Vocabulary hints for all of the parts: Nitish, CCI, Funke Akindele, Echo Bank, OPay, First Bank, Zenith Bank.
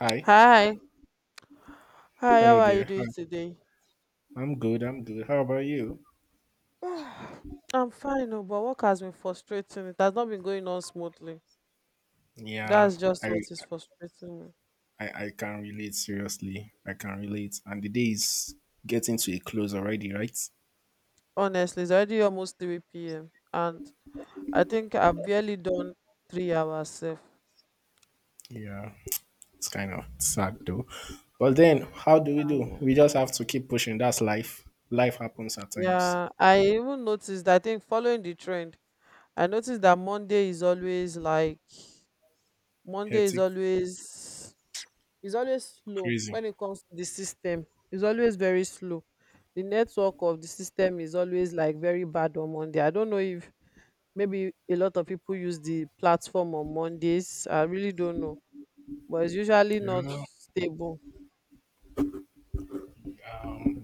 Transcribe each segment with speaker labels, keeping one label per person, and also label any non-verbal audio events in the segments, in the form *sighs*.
Speaker 1: Hi.
Speaker 2: Hi. Hi, how
Speaker 1: Hello
Speaker 2: are you
Speaker 1: there. Hi.
Speaker 2: doing today? *sighs*
Speaker 1: I'm good. I'm good. How about you?
Speaker 2: Ah, I'm fine, oh, but work has been frustrating. It has not been going on smoothly.
Speaker 1: Yeah,
Speaker 2: That's just what
Speaker 1: I,
Speaker 2: is frustrating me.
Speaker 1: I can relate seriously. I can relate. And the day is getting to a close already, right?
Speaker 2: Honestly, it's already almost 3 p.m. and I think I've barely done 3 hours sef.
Speaker 1: Yeah. It's kind of sad though. But then how do?
Speaker 2: Um,
Speaker 1: We just have to keep pushing. That's life. Life happens at times.
Speaker 2: Yeah, I even noticed, I think following the trend, I noticed that Monday is always like, Monday is
Speaker 1: Hectic,
Speaker 2: always It's always slow
Speaker 1: crazy.
Speaker 2: when it comes to the system. It's always very slow. The network of the system is always like very bad on Monday. I don't know if maybe a lot of people use the platform on Mondays. I really don't know, but it's usually not
Speaker 1: Yeah.
Speaker 2: stable.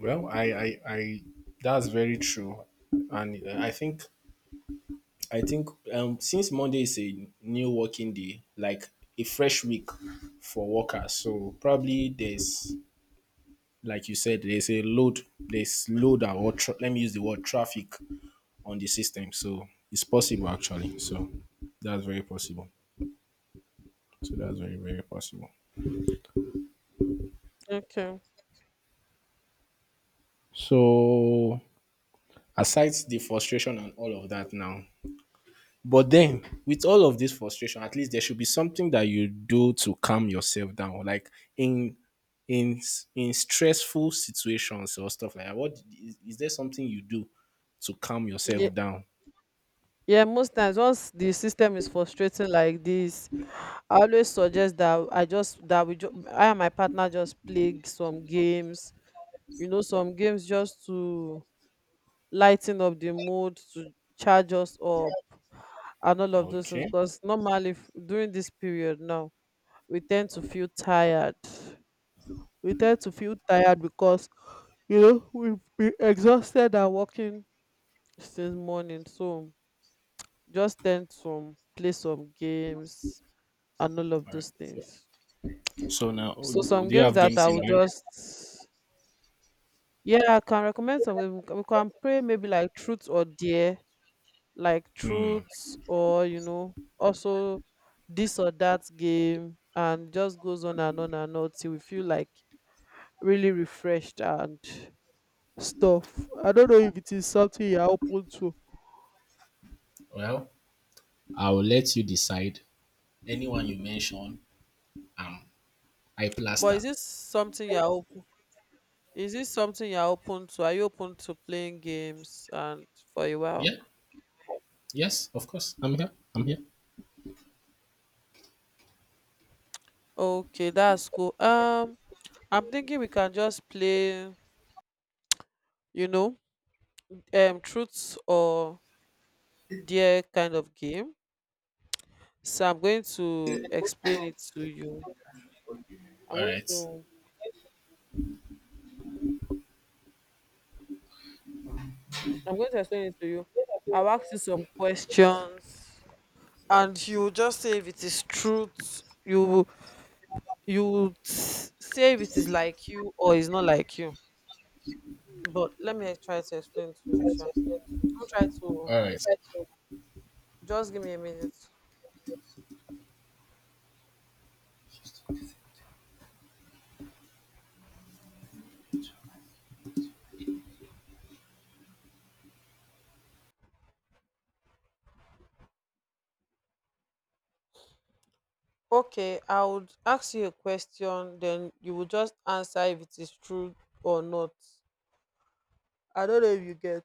Speaker 1: Well, I that's very true. And I think since Monday is a new working day, like a fresh week for workers, so probably there's like you said, there's a load, there's load or tra- let me use the word traffic on the system. So it's possible actually. So that's very possible. So that's very very possible.
Speaker 2: Okay.
Speaker 1: So aside the frustration and all of that now, but then, with all of this frustration, at least there should be something that you do to calm yourself down. Like in in stressful situations or stuff like that. Is there something you do to calm
Speaker 2: Yeah.
Speaker 1: yourself down?
Speaker 2: Yeah, most times once the system is frustrating like this, I always suggest that I just that we ju- I and my partner just play some games. Some games just to lighten up the mood, to charge us up, and all of those things
Speaker 1: Okay.
Speaker 2: because normally during this period now we tend to feel tired, because we've been exhausted and working since morning, so just tend to play some games and all of
Speaker 1: All right.
Speaker 2: those things.
Speaker 1: So, so now, oh,
Speaker 2: So, some
Speaker 1: do you
Speaker 2: games
Speaker 1: have
Speaker 2: that
Speaker 1: games
Speaker 2: I
Speaker 1: in
Speaker 2: would
Speaker 1: mind?
Speaker 2: just yeah, I can recommend some games. We can play maybe like truth or dare, like
Speaker 1: Hmm.
Speaker 2: truths, or also this or that game, and just goes on and on and on till we feel like really refreshed and stuff. I don't know if it is something you're open to,
Speaker 1: Well, I will let you decide. Anyone you mention, um, I
Speaker 2: but
Speaker 1: plaster.
Speaker 2: is this something you're open to? Are you open to playing games and for a while?
Speaker 1: Yeah. Yes. Of course. I'm here. I'm here.
Speaker 2: Okay, that's cool. I'm thinking we can just play, you know truths or dare kind of game. So I'm going to explain it to you. I'm
Speaker 1: All
Speaker 2: going
Speaker 1: right.
Speaker 2: to I'm going to explain it to you. I'll ask you some questions and you just say if it is truth, you say if it is like you or it's not like you. But let me try to explain to you, Sha. I'll try to
Speaker 1: All right.
Speaker 2: Just give me a minute. Okay, I would ask you a question, then you will just answer if it is true or not. I don't know if you get.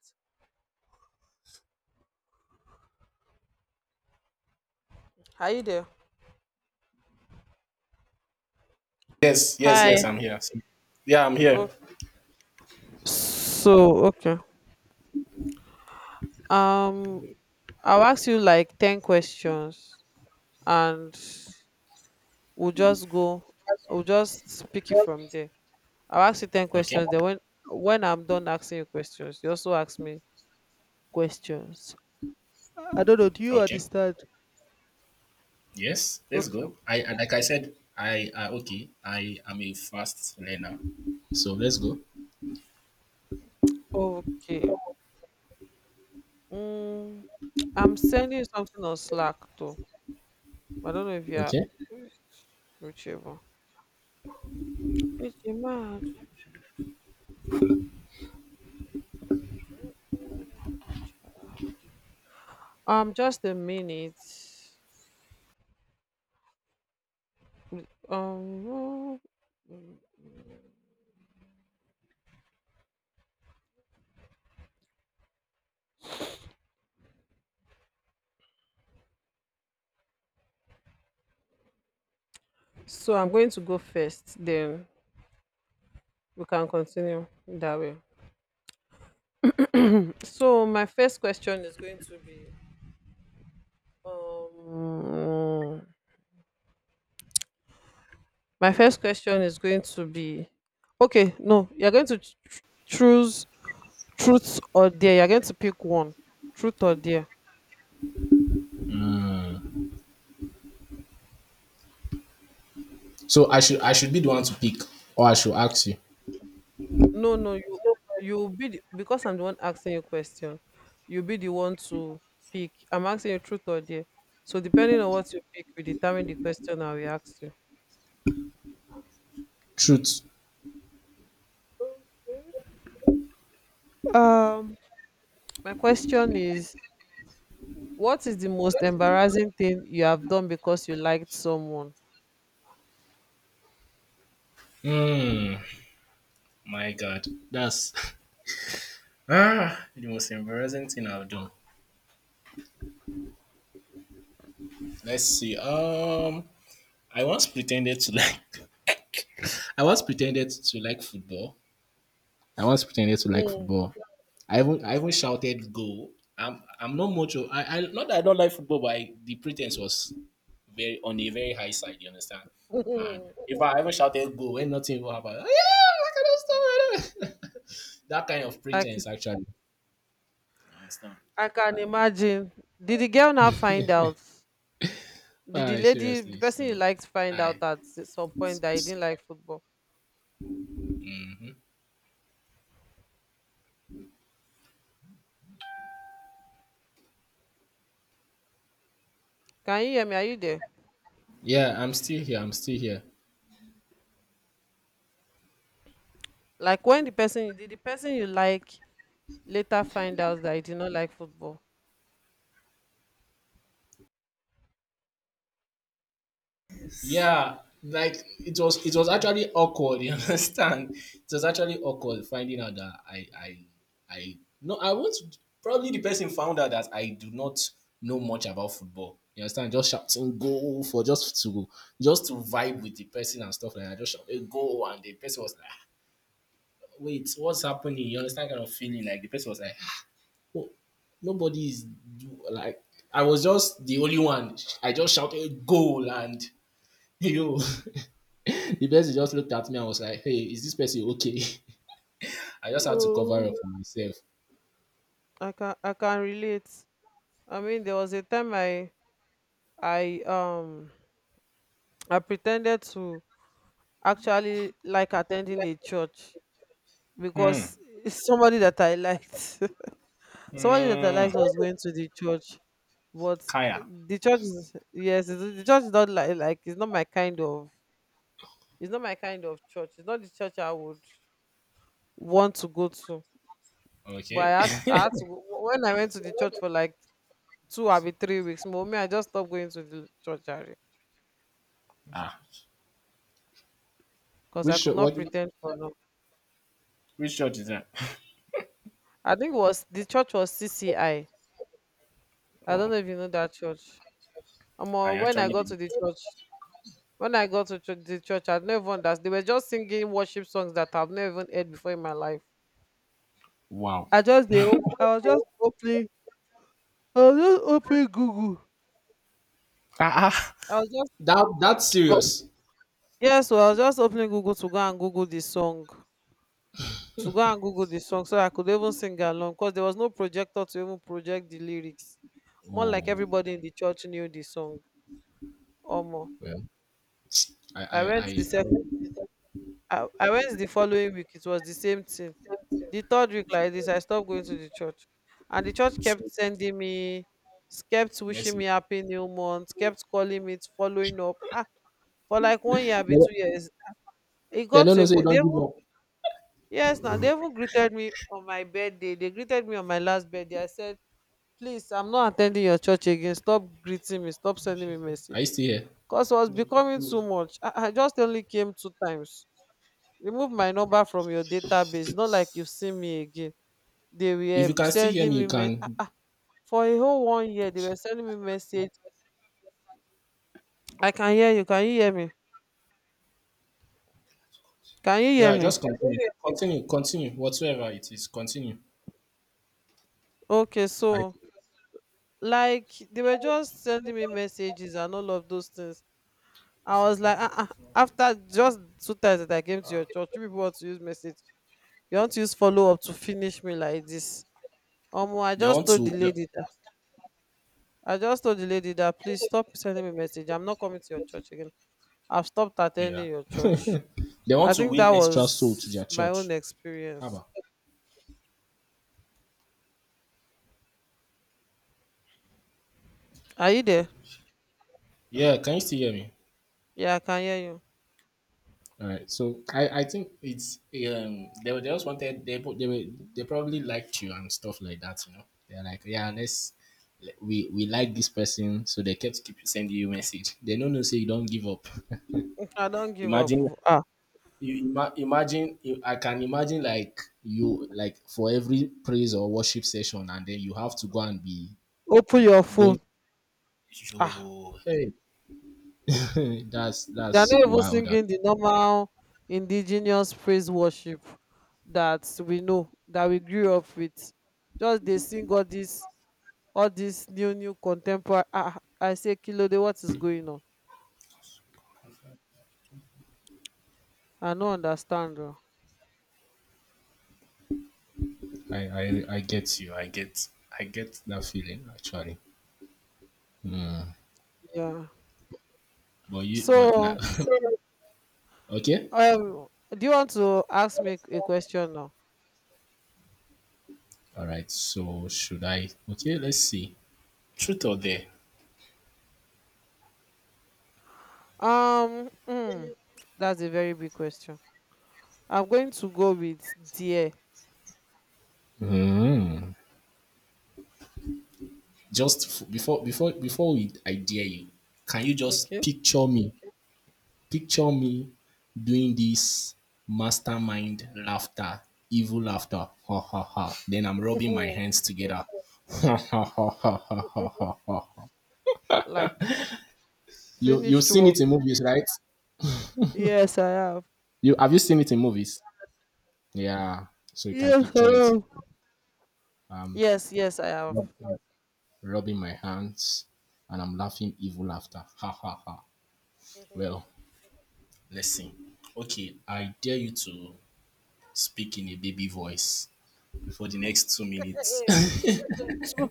Speaker 2: Are you there?
Speaker 1: Yes, yes,
Speaker 2: Hi.
Speaker 1: yes, I'm here. So, yeah, I'm here.
Speaker 2: So, okay. Um, I'll ask you like 10 questions, and we'll just go, we'll just pick it from there. I'll ask you 10
Speaker 1: Okay,
Speaker 2: questions. Then when I'm done asking you questions, you also ask me questions. I don't know. Do you
Speaker 1: okay.
Speaker 2: understand?
Speaker 1: Yes, let's go.
Speaker 2: Okay.
Speaker 1: I and like I said, I okay. I am a fast learner, so let's go.
Speaker 2: Okay. Mm, I'm sending you something on Slack too. I don't know if you're
Speaker 1: Okay.
Speaker 2: reachable. It's mad. Just a minute. Um, so I'm going to go first, then we can continue that way. So my first question is going to be, um my first question is going to be okay, no, you're going to choose truth or dare. You're going to pick one. Truth or dare.
Speaker 1: So I should be the one to pick, or I should ask you.
Speaker 2: No, no, you'll be the, because I'm the one asking you question. You'll be the one to pick. I'm asking you truth or dare. So depending on what you pick, we determine the question I will ask you.
Speaker 1: Truth.
Speaker 2: Um, my question is, what is the most embarrassing thing you have done because you liked someone?
Speaker 1: Hmm. My God, that's, *laughs* ah, the most embarrassing thing I've done. Let's see. I once pretended to like. *laughs* I once pretended to like football. I once pretended to like
Speaker 2: Hmm.
Speaker 1: football. I even shouted goal. I'm not much of, I not that I don't like football, but I, the pretense was very on a very high side, you understand? And
Speaker 2: *laughs*
Speaker 1: if I ever shouted goal when nothing will happen, yeah, I cannot stop it. *laughs* That kind of
Speaker 2: I c-
Speaker 1: pretense actually. You understand?
Speaker 2: I can imagine. Did the girl now find out? Did the
Speaker 1: I
Speaker 2: lady, the
Speaker 1: seriously.
Speaker 2: person you
Speaker 1: So
Speaker 2: liked, find out
Speaker 1: I
Speaker 2: at some point that you didn't like football? Can you hear me? Are you there?
Speaker 1: Yeah, I'm still here. I'm still here.
Speaker 2: Like, when the person you like later find out that you did not like football.
Speaker 1: Yeah, like it was actually awkward, you, *laughs* understand? It was actually awkward finding out that I no I want to, probably the person found out that I do not know much about football. You understand? Just shouting goal for just to vibe with the person and stuff like that. I just shouting goal and the person was like, "Ah, wait, what's happening?" You understand kind of feeling? Like the person was like, oh, nobody is do- like I was just the only one. I just shouted goal and, yo, *laughs* the person just looked at me and was like, "Hey, is this person okay?" *laughs* I just had to cover up
Speaker 2: Oh,
Speaker 1: for myself.
Speaker 2: I can relate. I mean, there was a time, I *tsk* I pretended to actually like attending a church
Speaker 1: Hmm.
Speaker 2: because *laughs* it's somebody that I liked, *laughs* somebody that I
Speaker 1: Mm.
Speaker 2: liked was going to the church, but
Speaker 1: Kaya.
Speaker 2: the church is, yes, the church is not like it's not my kind of church. It's not the church I would want to go to. But I
Speaker 1: Okay.
Speaker 2: had
Speaker 1: *laughs*
Speaker 2: I had to, when I went to the church for like 2 or 3 weeks, mommy, I just stopped going to the church
Speaker 1: Ah.
Speaker 2: because
Speaker 1: Which
Speaker 2: I could
Speaker 1: shot?
Speaker 2: not
Speaker 1: What?
Speaker 2: pretend for long.
Speaker 1: Which shot is that? *laughs*
Speaker 2: I think it was, the church was CCI. I don't
Speaker 1: Oh,
Speaker 2: know if you know that church. Um,
Speaker 1: I
Speaker 2: when I
Speaker 1: actually
Speaker 2: got
Speaker 1: did.
Speaker 2: to the church, when I got to church, the church, I never understood. They were just singing worship songs that I've never even heard before in my life.
Speaker 1: Wow.
Speaker 2: I just they op- I was just opening I was just opening Google.
Speaker 1: Ah, ah.
Speaker 2: I was just
Speaker 1: That that's
Speaker 2: op-
Speaker 1: serious.
Speaker 2: Yes, yeah, so I was just opening Google to go and Google the song. So I could even sing along, because there was no projector to even project the lyrics, more like
Speaker 1: Oh
Speaker 2: everybody in the church knew the song, or more.
Speaker 1: well. I I
Speaker 2: i went
Speaker 1: I,
Speaker 2: the
Speaker 1: I,
Speaker 2: sef- I went the following week, it was the same thing. The third week, like this, I stopped going to the church, and the church kept
Speaker 1: so,
Speaker 2: sending me, kept wishing
Speaker 1: Messi.
Speaker 2: me happy new month, kept calling me, following up for like one year be
Speaker 1: they
Speaker 2: two
Speaker 1: don't
Speaker 2: years It
Speaker 1: they
Speaker 2: got
Speaker 1: don't
Speaker 2: to
Speaker 1: know
Speaker 2: a
Speaker 1: say you
Speaker 2: point they
Speaker 1: don't give
Speaker 2: even,
Speaker 1: up.
Speaker 2: yes, now they even greeted me on my birthday, they greeted me on my last birthday. I said, please, I'm not attending your church again, stop greeting me, stop sending me
Speaker 1: Are you
Speaker 2: message,
Speaker 1: still here?
Speaker 2: cause it was becoming too much. I just only came two times. Remove my number from your database, not like you see me again. They
Speaker 1: If you
Speaker 2: were
Speaker 1: can still hear
Speaker 2: sending
Speaker 1: me, you
Speaker 2: me me ah
Speaker 1: can.
Speaker 2: ah for a whole one year they were sending me message. I can hear you. Can you hear me? Can you hear
Speaker 1: Yeah,
Speaker 2: me?
Speaker 1: just continue, continue, whatsoever it is, continue.
Speaker 2: Okay,
Speaker 1: I
Speaker 2: so, like, they were just sending me messages and all of those things. I was like, ah, ah, after just two times that I came to your church, you people want to use message, you want to use follow up to finish me like this. Omo,
Speaker 1: They want to the,
Speaker 2: I just told the lady that, please stop sending me message, I'm not coming to your church again, I've stopped attending
Speaker 1: yeah.
Speaker 2: your church.
Speaker 1: They want
Speaker 2: I
Speaker 1: to
Speaker 2: think that
Speaker 1: win extra soul to their
Speaker 2: was my own
Speaker 1: church.
Speaker 2: experience.
Speaker 1: Haba.
Speaker 2: Are you there?
Speaker 1: Yeah, can you still hear me?
Speaker 2: Yeah, I can hear you.
Speaker 1: All right. So, I think it's, they were, they just wanted, they put, they were, they probably liked you and stuff like that, you know. They're like, yeah, let's, we like this person, so they kept keep sending you message. They don't know say you don't give up.
Speaker 2: *laughs* I don't give up.
Speaker 1: Imagine
Speaker 2: Ah,
Speaker 1: you, imagine you, I can imagine like you like for every praise or worship session and then you have to go and be
Speaker 2: open your phone.
Speaker 1: going,
Speaker 2: Ah,
Speaker 1: hey, *laughs*
Speaker 2: they are
Speaker 1: that's
Speaker 2: not even
Speaker 1: wild.
Speaker 2: singing the normal indigenous praise worship that we know, that we grew up with. Just they sing all this, new new contemporary, ah, I say kilode, what is going on. I no understand o.
Speaker 1: I I get you. I get that feeling actually.
Speaker 2: Yeah,
Speaker 1: But you but now,
Speaker 2: so
Speaker 1: *laughs* okay.
Speaker 2: um do you want to ask me a question now?
Speaker 1: All right. So should I? Okay. Let's see. Truth or dare?
Speaker 2: um mm, that's a very big question. I'm going to go with dear.
Speaker 1: Just before we, I dare you. Can you just
Speaker 2: Okay.
Speaker 1: picture me? Picture me doing this mastermind laughter, evil laughter. Ha ha ha. Then I'm rubbing
Speaker 2: *laughs*
Speaker 1: my hands together. *laughs* Ha ha ha ha ha ha ha.
Speaker 2: Like,
Speaker 1: You, you've
Speaker 2: finished
Speaker 1: seen
Speaker 2: work.
Speaker 1: it in movies, right?
Speaker 2: Yes, I have.
Speaker 1: You have, you seen it in movies? Yeah, so you can
Speaker 2: Yes, I
Speaker 1: picture it.
Speaker 2: have.
Speaker 1: Um,
Speaker 2: Yes, yes, I have.
Speaker 1: rub- rubbing my hands, and I'm laughing evil laughter. Ha ha ha. Well, let's see. Okay, I dare you to speak in a baby voice for the next two
Speaker 2: Eh,
Speaker 1: minutes.
Speaker 2: eh, two,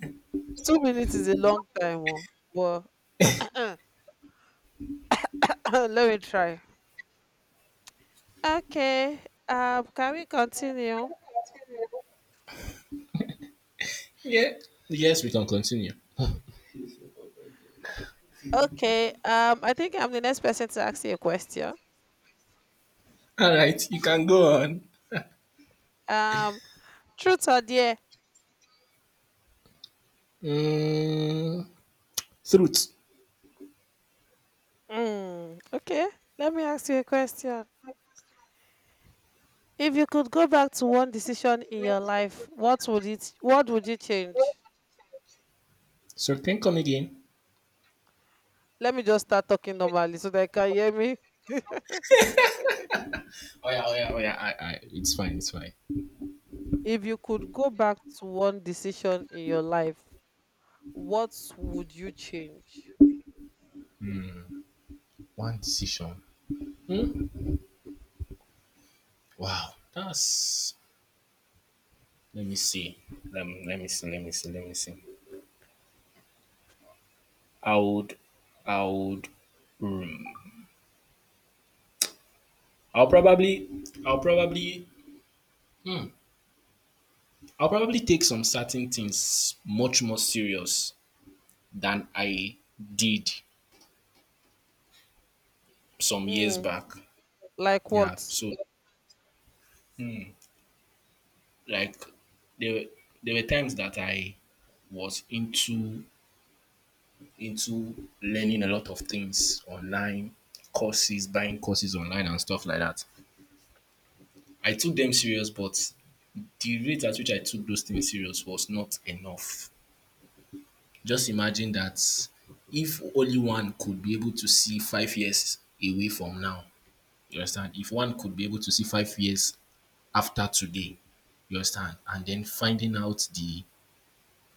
Speaker 2: 2 minutes is a long time oh, but *coughs* *clears throat* let me try. Okay. Can we continue?
Speaker 1: *laughs* Yeah. Yes, we can continue.
Speaker 2: Okay. I think I'm the next person to ask you a question.
Speaker 1: All right, you can go on.
Speaker 2: Um, Truth or dare?
Speaker 1: Mm, throat.
Speaker 2: Mm, okay. Let me ask you a question. If you could go back to one decision in your life, what would it? What would you change?
Speaker 1: So can you come again?
Speaker 2: Let me just start talking normally so that you can hear me.
Speaker 1: Oh yeah, oh yeah, oh yeah. It's fine, it's fine.
Speaker 2: If you could go back to one decision in your life, what would you change?
Speaker 1: One decision. Hmm? Wow, that's, let me see. Let me see. Let me see. Let me see. I would. I would. I'll probably. Hmm, I'll probably take some certain things much more serious than I did some years
Speaker 2: Mm,
Speaker 1: back.
Speaker 2: like
Speaker 1: Yeah.
Speaker 2: what?
Speaker 1: So like there were there were times that I was into learning a lot of things online, courses, buying courses online and stuff like that. I took them serious, but the rate at which I took those things serious was not enough. Just imagine that if only one could be able to see 5 years away from now, you understand? If one could be able to see 5 years after today, you understand? And then finding out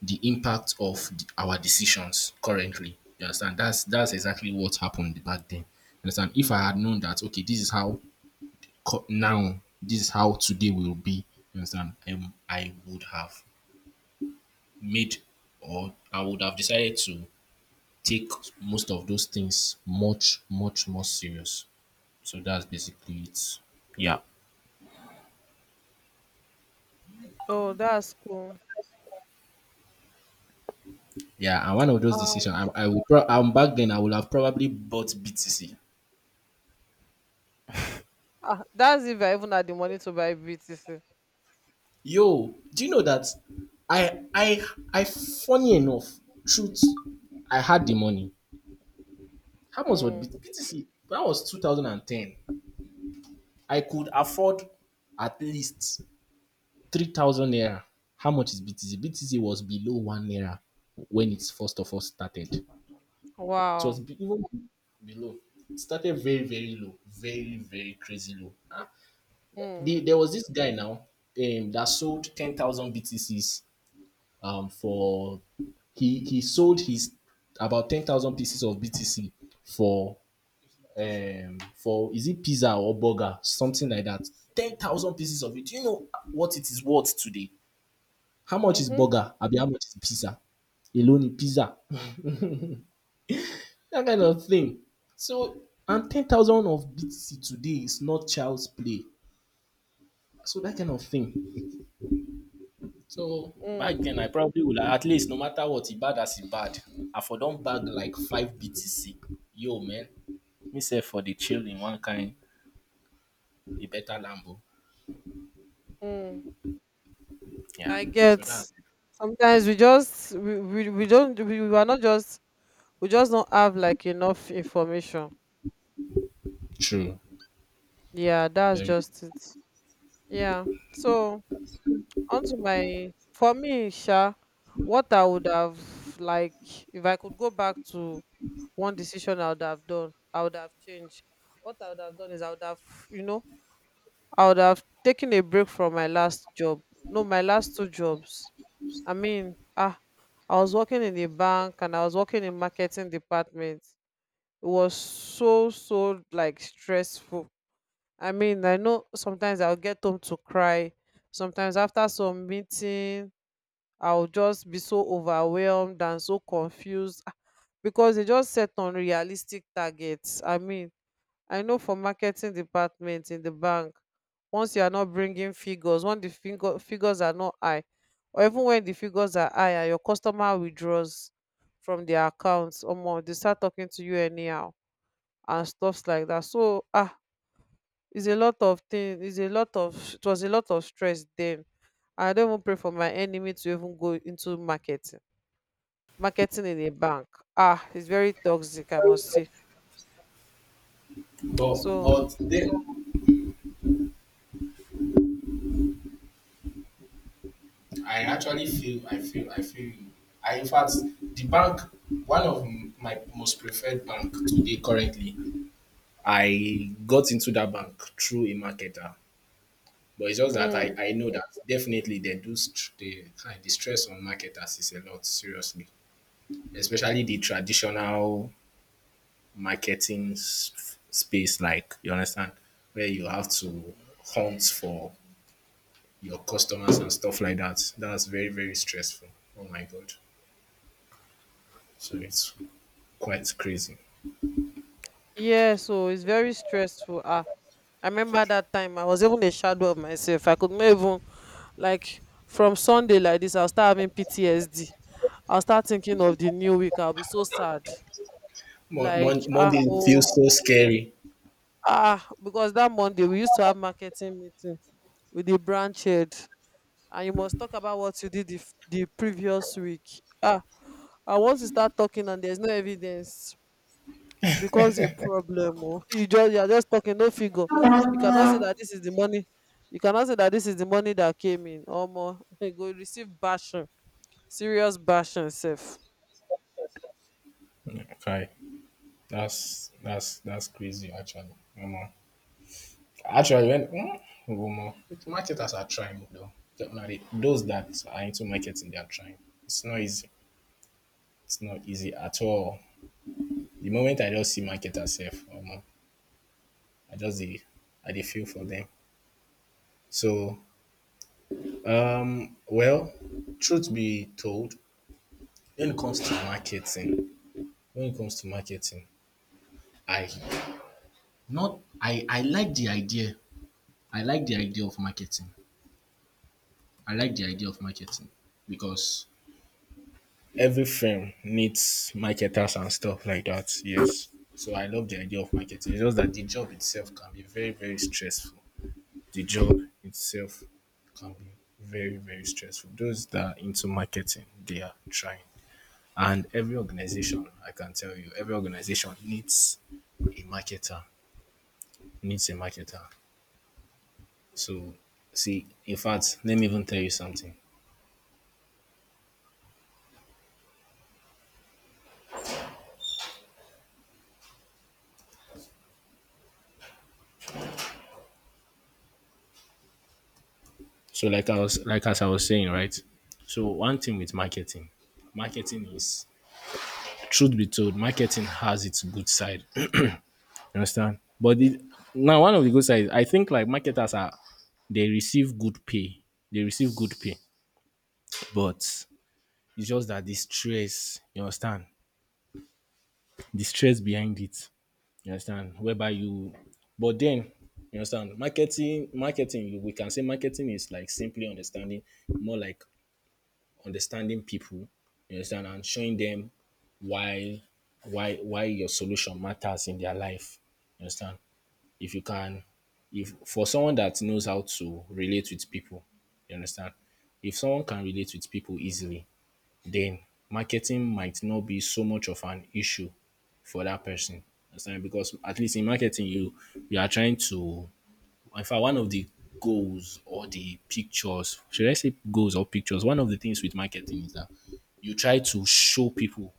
Speaker 1: the impact of the, our decisions currently, you understand? That's exactly what happened back then. You understand? If I had known that, okay, this is how today will be, you understand? I would have made, or I would have decided to take most of those things much, much more serious. So that's basically it. Yeah.
Speaker 2: Oh, that's cool.
Speaker 1: Yeah, and one of those decisions, I'm back then. I would have probably bought BTC.
Speaker 2: Ah, that's if I even had the money to buy BTC.
Speaker 1: Yo, do you know that? I, I, I. Funny enough, truth, I had the money. How much was
Speaker 2: Mm.
Speaker 1: BTC? BTC? That was 2010. I could afford at least 3,000 naira. How much is BTC? BTC was below one naira when it first of all started.
Speaker 2: Wow.
Speaker 1: Even below. It started very, very low, very, very crazy low. Ah,
Speaker 2: Mm.
Speaker 1: the, there was this guy now that sold 10,000 BTCs, for he sold his about 10,000 pieces of BTC for, for, is it pizza or burger, something like that. 10,000 pieces of it. Do you know what it is worth today? How much is
Speaker 2: Mhm.
Speaker 1: burger? Abi how much is pizza? Alone pizza. *laughs* That kind of thing. So, and 10,000 of BTC today is not child's play. So, that kind of thing. So, back
Speaker 2: Mm.
Speaker 1: then, I probably would at least, no matter what, e bad as e bad, I for don bag like 5 BTC. Yo, man. Me say for the chill in one kind, a better Lambo.
Speaker 2: Mm.
Speaker 1: Yeah.
Speaker 2: I get.
Speaker 1: So, that's
Speaker 2: Sometimes we are not just, we just don't have like enough information.
Speaker 1: true.
Speaker 2: Yeah, that's
Speaker 1: Very true.
Speaker 2: just it. Yeah. So onto my for me, Sha, what I would have, like, if I could go back to one decision I would have done, I would have changed. What I would have done is you know, I would have taken a break from my last job. No, my last two jobs. I mean, I was working in the bank and I was working in marketing department. It was so so like stressful. I mean, I know sometimes I'll get home to cry. Sometimes after some meeting, I'll just be so overwhelmed and so confused, because they just set unrealistic targets. I mean, I know for marketing department in the bank, once you are not bringing figures, when the figures are not high, or even when the figures are high and your customer withdraws from their accounts, omo, they start talking to you anyhow and stuffs like that, so it's a lot of things, it was a lot of stress then. I don't even pray for my enemy to even go into marketing, marketing in a bank. It's very toxic, I must say. So.
Speaker 1: But then, I actually feel, I feel you. I, in fact, the bank, one of my most preferred bank today currently, I got into that bank through a marketer. But it's just that
Speaker 2: Mm.
Speaker 1: I know that definitely they do the stress on marketers is a lot, seriously. Especially the traditional space, like, you understand, where you have to hunt for your customers and stuff like that. That's very, very stressful. Oh my God. So it's quite crazy.
Speaker 2: Yeah, so it's very stressful. I remember that time I was even a shadow of myself. I could not even like from Sunday like this. I'll start having PTSD. I'll start thinking of the new week. I'll be so sad. Like
Speaker 1: Monday feels so scary.
Speaker 2: because that Monday we used to have marketing meeting with the branch head, and you must talk about what you did the previous week. I want to start talking and there's no evidence. Becomes a problem oh *laughs* you are just talking, no figure. You cannot say that this is the money. You cannot say that this is the money that came in, omo. *laughs* You go receive bashing, serious bashing sef.
Speaker 1: Okay, that's that's crazy actually. Omo. Actually, when, mm, omo, marketers are trying though. Definitely, those that are into marketing, they are trying. It's not easy. It's not easy at all. The moment I just see marketers, sef, omo, I just the I dey feel for them. So, well, truth be told, when it comes to marketing, when it comes to marketing, I not I I like the idea, I like the idea of marketing. I like the idea of marketing because every firm needs marketers and stuff like that. Yes. So I love the idea of marketing. It's just that the job itself can be very, very stressful. The job itself can be very, very stressful. Those that are into marketing, they are trying. And every organization, I can tell you, every organization needs a marketer, needs a marketer. So, see, in fact, let me even tell you something. So like I was, like as I was saying, right? So one thing with marketing, marketing is, truth be told, marketing has its good side. You understand? But now one of the good sides, I think like marketers are, they receive good pay. They receive good pay. But it's just that the stress, you understand? The stress behind it. You understand? Whereby you, but then, you understand, marketing we can say marketing is like simply understanding, more like understanding people, you understand, and showing them why your solution matters in their life. You understand? If you can if for someone that knows how to relate with people, you understand? If someone can relate with people easily, then marketing might not be so much of an issue for that person. Understand? Because at least in marketing, you are trying to, in fact, one of the goals or the pictures, should I say goals or pictures? One of the things with marketing is that you try to show people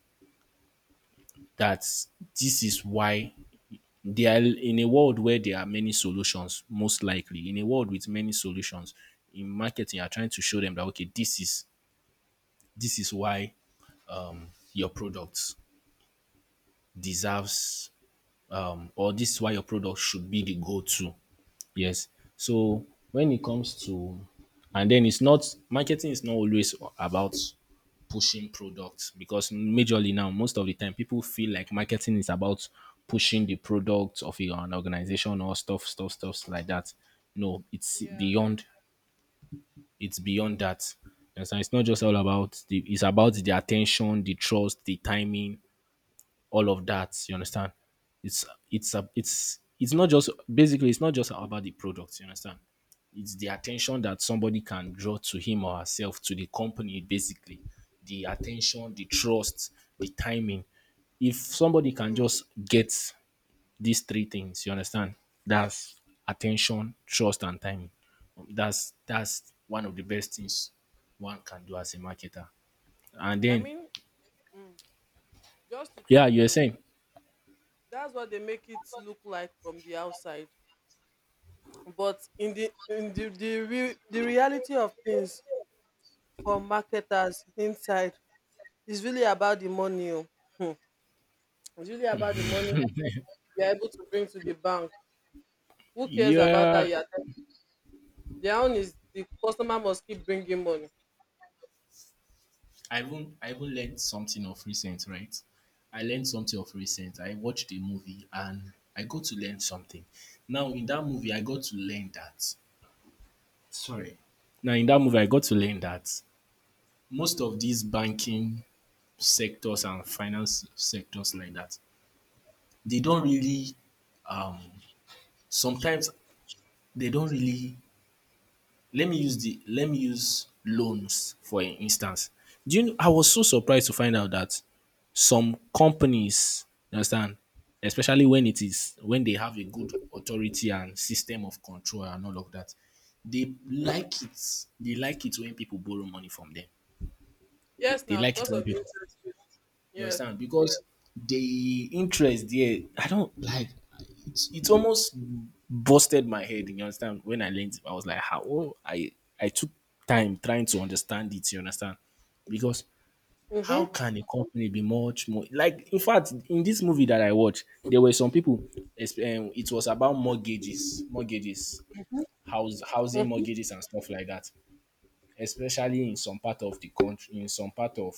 Speaker 1: that this is why they are in a world where there are many solutions, most likely in a world with many solutions. In marketing, you are trying to show them that, okay, this is why your product deserves, or this is why your product should be the go-to. Yes. So when it comes to, and then, it's not, marketing is not always about pushing products, because majorly now, most of the time, people feel like marketing is about pushing the product of your an organization or stuff like that. No,
Speaker 2: Yeah.
Speaker 1: it's beyond that. You understand? It's not just all about the, it's about the attention, the trust, the timing, all of that, you understand. It's it's a it's it's not just basically, it's not just about the product, you understand. It's the attention that somebody can draw to him or herself, to the company basically. The attention, the trust, the timing. If somebody can
Speaker 2: Mm,
Speaker 1: just get these three things, you understand, that's, attention, trust, and timing. That's one of the best things one can do as a marketer. And
Speaker 2: I
Speaker 1: then,
Speaker 2: mean, mm, just to
Speaker 1: yeah,
Speaker 2: chip
Speaker 1: you're
Speaker 2: in.
Speaker 1: saying.
Speaker 2: That's what they make it look like from the outside. But in the reality of things for marketers inside is really about the money. Oh. Hmm. It's really about the money you're able to bring to the bank. Who cares about that?
Speaker 1: Yeah,
Speaker 2: Their own is the customer must keep bringing money.
Speaker 1: I even learned something of recent, right? I learned something of recent. I watched a movie and I got to learn something. Now in that movie I got to learn that, sorry. Now in that movie I got to learn that most of these banking sectors and finance sectors like that, they don't really, sometimes they don't really, let me use the, let me use loans for instance. Do you know I was so surprised to find out that some companies, you understand, especially when it is, when they have a good authority and system of control and all of that, they like it. They like it when people borrow money from them.
Speaker 2: Yes,
Speaker 1: They
Speaker 2: now,
Speaker 1: like it
Speaker 2: because
Speaker 1: when
Speaker 2: of the
Speaker 1: people,
Speaker 2: interest rate.
Speaker 1: you
Speaker 2: Yes,
Speaker 1: understand, because the interest there, I don't like. It's almost busted my head. You understand? When I learned, I was like, how, I took time trying to understand it. You understand? Because how can a company be, much more like, in fact in this movie that I watched, there were some people it was about mortgages, house housing mortgages and stuff like that, especially in some part of the country, in some part of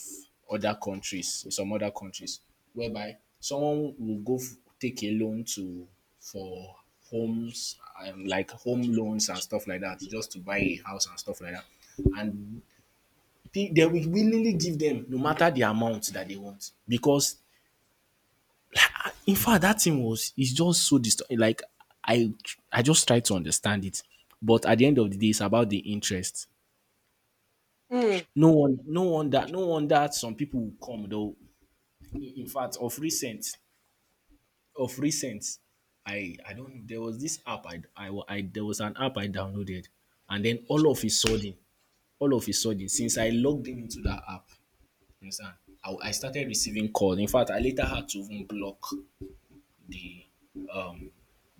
Speaker 1: other countries, in some other countries, whereby someone will go f- take a loan to, for homes, like home loans and stuff like that, just to buy a house and stuff like that. And they will willingly give them, no matter the amount that they want. Because, in fact, that thing was, it's just so distorted. Like I I just try to understand it. But at the end of the day, it's about the interest. No one, no one that, no one that, some people will come though. In fact, of recent, I don't there was this app I there was an app I downloaded, and then, all of a sudden since I logged in into that app, you understand, I started receiving calls. In fact, I later had to even block the, um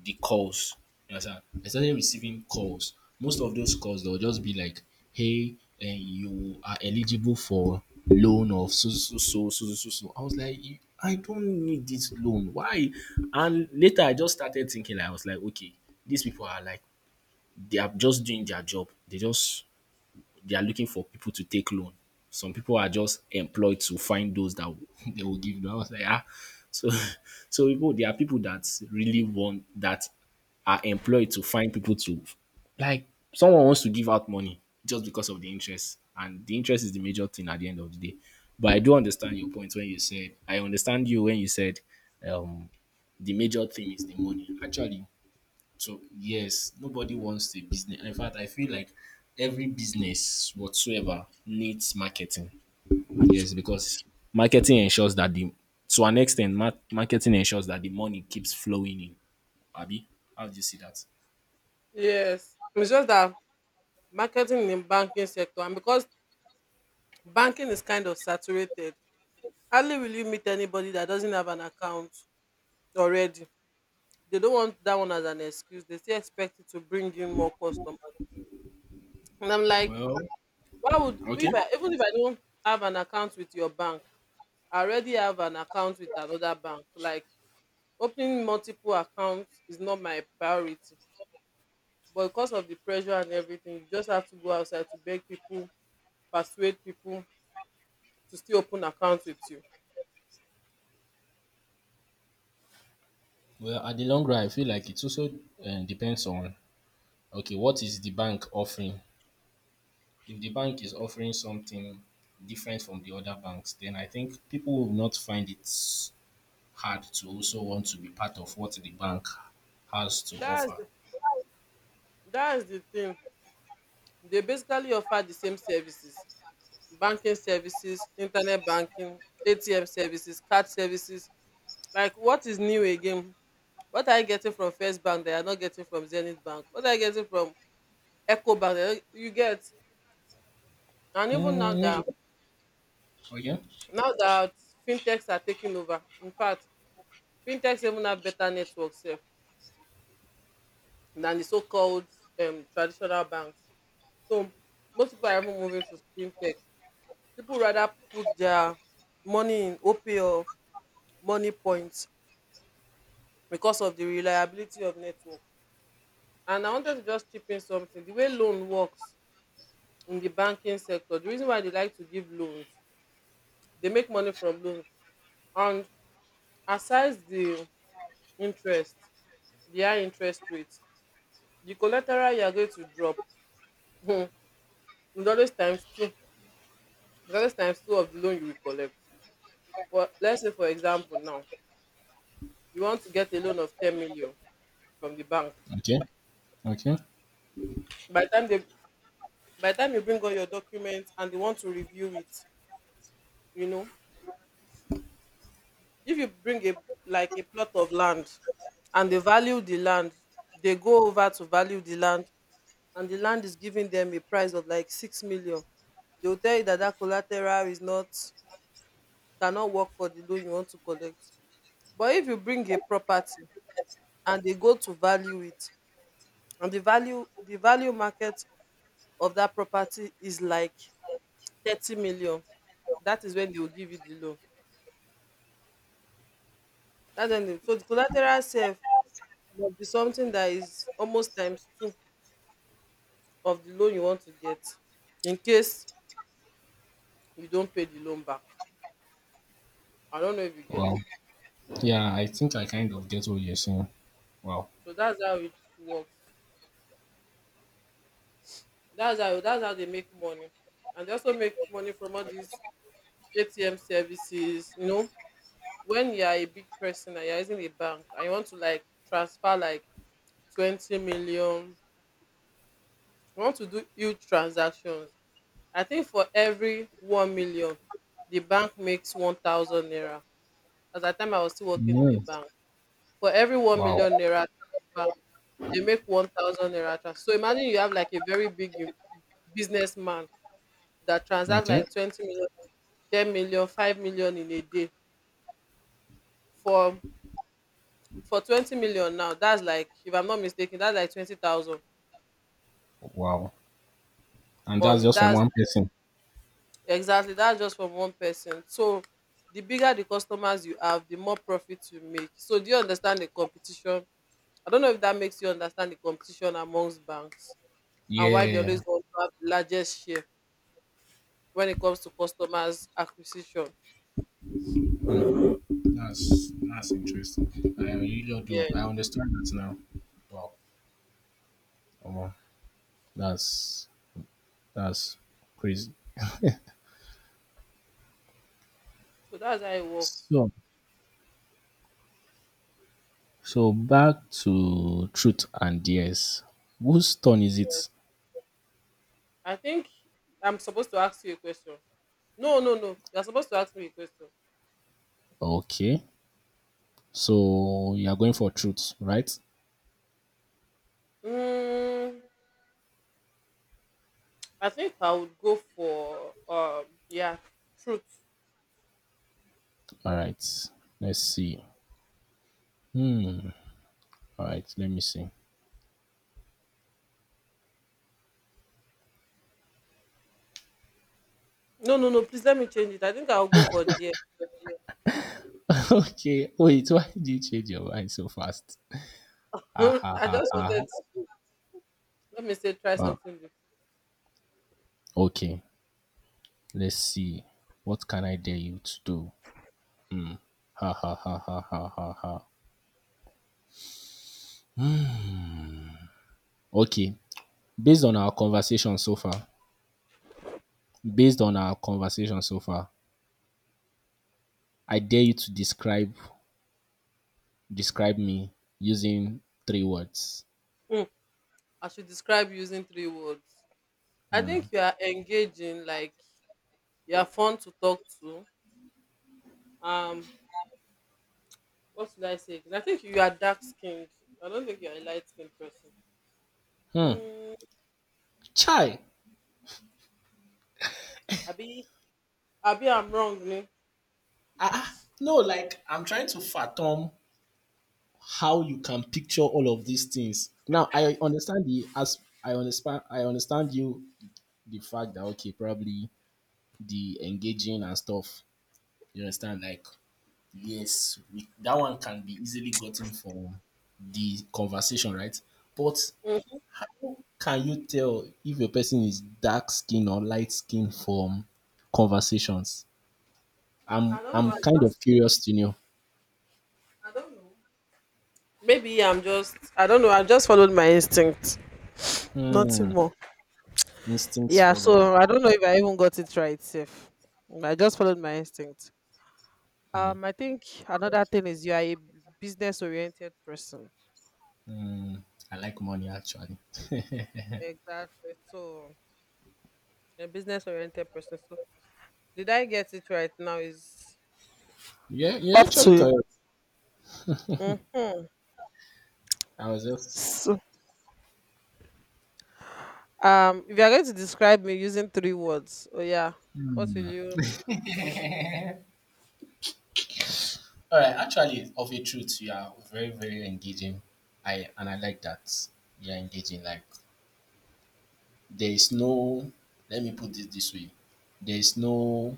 Speaker 1: the calls. You understand? I started receiving calls. Most of those calls they'll just be like, "Hey, you are eligible for loan of so so so so so so so." I was like, "You- I don't need this loan. Why?" And later I just started thinking. I was like, okay, these people are like, they are just doing their job. They just, they are looking for people to take loan. Some people are just employed to find those that will- *laughs* they will give them. I was like, ah. So, *laughs* so people, there are people that really want, that are employed to find people to, like, someone wants to give out money just because of the interest, and the interest is the major thing at the end of the day. But I do understand your point when you said, I understand you when you said, um, the major thing is the money. Actually, so yes, nobody wants a business. In fact, I feel like every business whatsoever needs marketing. Yes, because marketing ensures that the, to an extent, marketing ensures that the money keeps flowing in. Abi, how do you see that?
Speaker 2: yes. It's just that marketing in banking sector, and because banking is kind of saturated, hardly will you meet anybody that doesn't have an account already. They don't want that one as an excuse. They still expect it to bring in more customers. And I'm like,
Speaker 1: Well,
Speaker 2: why would, if
Speaker 1: okay.
Speaker 2: I, even if I don't have an account with your bank, I already have an account with another bank. Like, opening multiple accounts is not my priority, but because of the pressure and everything, you just have to go outside to beg people, persuade people to still open accounts with you.
Speaker 1: Well, at the long run, I feel like it also depends on, okay, what is the bank offering? If the bank is offering something different from the other banks, then I think people will not find it hard to also want to be part of what the bank has to
Speaker 2: that's
Speaker 1: offer.
Speaker 2: the that's the thing. They basically offer the same services, banking services, internet banking, ATM services, card services. Like, what is new again? What are you getting from First Bank that you are not getting from Zenith Bank? What are you getting from Echo Bank that you get? And even now that,
Speaker 1: Mm, okay.
Speaker 2: now that fintechs are taking over. In fact, fintechs even have better networks than the so-called traditional banks. So most people are even moving to fintech. People rather put their money in OPay or money points because of the reliability of network. And I wanted to just chip in something. The way loan works in the banking sector, the reason why they like to give loans, they make money from loans. And aside the interest, the high interest rates, the collateral you are going to drop is always times two, is always times two of the loan you will collect. For, let's say for example now, you want to get a loan of 10 million from the bank.
Speaker 1: Okay, okay.
Speaker 2: By the time they, by the time you bring all your documents and they want to review it, you know, if you bring a, like a plot of land, and they value the land, they go over to value the land, and the land is giving them a price of like 6 million, they will tell you that that collateral is not, cannot work for the loan you want to collect. But if you bring a property and they go to value it, and the value market of that property is like 30 million, that is when they will give you the loan. That's when they, so the collateral self must be something that is almost times two of the loan you want to get, in case you don't pay the loan back. I don't know if you get.
Speaker 1: Wow. Yeah, I think I kind of get what you're saying. Wow.
Speaker 2: So that's how it works. That's how, that's how they make money. And they also make money from all these ATM services. You know, when you are a big person and you're using a bank and you want to like transfer like 20 million, you want to do huge transactions. I think for every 1 million, the bank makes 1,000 naira. At that time I was still working in the
Speaker 1: Mm,
Speaker 2: bank. For every 1
Speaker 1: wow.
Speaker 2: million naira transfer, they make 1,000 naira transfer. So imagine you have like a very big businessman that transacts
Speaker 1: Okay.
Speaker 2: like 20 million, 10 million, 5 million in a day. for for 20 million now, that's like, if I'm not mistaken, that's like 20,000.
Speaker 1: Wow. And that's
Speaker 2: On,
Speaker 1: just from
Speaker 2: that's
Speaker 1: one person.
Speaker 2: exactly, that's just from one person. So the bigger the customers you have, the more profit you make. So do you understand the competition? I don't know if that makes you understand the competition amongst banks and why they always
Speaker 1: Yeah.
Speaker 2: want to have the largest share when it comes to customers acquisition.
Speaker 1: Mm. That's interesting. I really do.
Speaker 2: Yeah.
Speaker 1: I understand that now. Wow. Omo, that's that's crazy.
Speaker 2: So that's how it works.
Speaker 1: So so back to truth and dares. Whose turn is it?
Speaker 2: I think I'm supposed to ask you a question. No, no, no. You're supposed to ask me a question.
Speaker 1: Okay. So you are going for truth, right?
Speaker 2: Mm, I think I would go for yeah, truth.
Speaker 1: All right. Let's see. All right. Let me see.
Speaker 2: No, no, no. Please let me change it. I think I'll go for dear.
Speaker 1: *laughs* Okay. Wait. Why did you change your mind so fast? Ah
Speaker 2: *laughs*
Speaker 1: ha
Speaker 2: I
Speaker 1: ha
Speaker 2: just
Speaker 1: ha.
Speaker 2: wanted, let me say, try
Speaker 1: Ah,
Speaker 2: something different.
Speaker 1: okay. Let's see. What can I dare you to do? Ha ha ha ha ha ha ha. Okay. Based on our conversation so far, based on our conversation so far, I dare you to describe, describe me using three words.
Speaker 2: Mm, I should describe using three words. I think you are engaging, like, you are fun to talk to. Um, what should I say again? I think you are dark skinned. I don't think you are a light skinned person. Mm,
Speaker 1: Chai.
Speaker 2: Abi, Abi, I'm wrong. Me.
Speaker 1: Ah, ah, no, like I'm trying to fathom how you can picture all of these things. Now I understand the, as I understand, I understand you the fact that, okay, probably the engaging and stuff. You understand, like, yes we, that one can be easily gotten from the conversation, right, but
Speaker 2: Mm.
Speaker 1: how can you tell if a person is dark skin or light skin from conversations? I'm
Speaker 2: I don't know.
Speaker 1: I'm kind of
Speaker 2: Just,
Speaker 1: curious to know.
Speaker 2: I don't know. Maybe I'm just, I don't know. I just followed my instinct. Nothing
Speaker 1: Hmm,
Speaker 2: more.
Speaker 1: instincts
Speaker 2: Yeah.
Speaker 1: follower.
Speaker 2: So I don't know if I even got it right. Safe. I just followed my instinct. I think another thing is you are a business oriented person.
Speaker 1: Hmm, I like money actually. *laughs*
Speaker 2: Exactly. So a business oriented person. So, did I get it right now? Is
Speaker 1: Yeah, you
Speaker 2: up to
Speaker 1: actually
Speaker 2: you.
Speaker 1: correct.
Speaker 2: Mm.
Speaker 1: I was just,
Speaker 2: So, um, if you're going to describe me using three words, oh yeah, what will you?
Speaker 1: all right. Actually, of a truth, you are very, very engaging. I and I like that you're engaging. Like, there is no. Let me put it this way. There is no.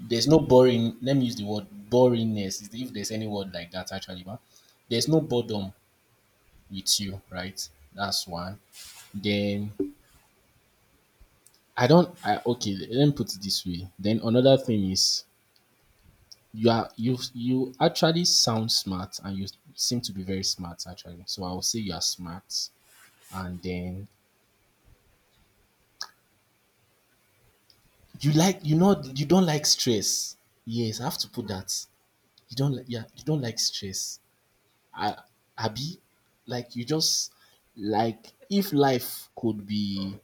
Speaker 1: There's no boring. Let me use the word boringness, if there's any word like that, actually, but there's no boredom with you, right? That's one. Then I don't. I, okay, let me put it this way. Then another thing is, You are you you actually sound smart, and you seem to be very smart actually. So I will say you are smart. And then, you like, you know, you don't like stress. Yes, I have to put that. You don't like, yeah, you don't like stress. I, Abi, like you just, like, if life could be,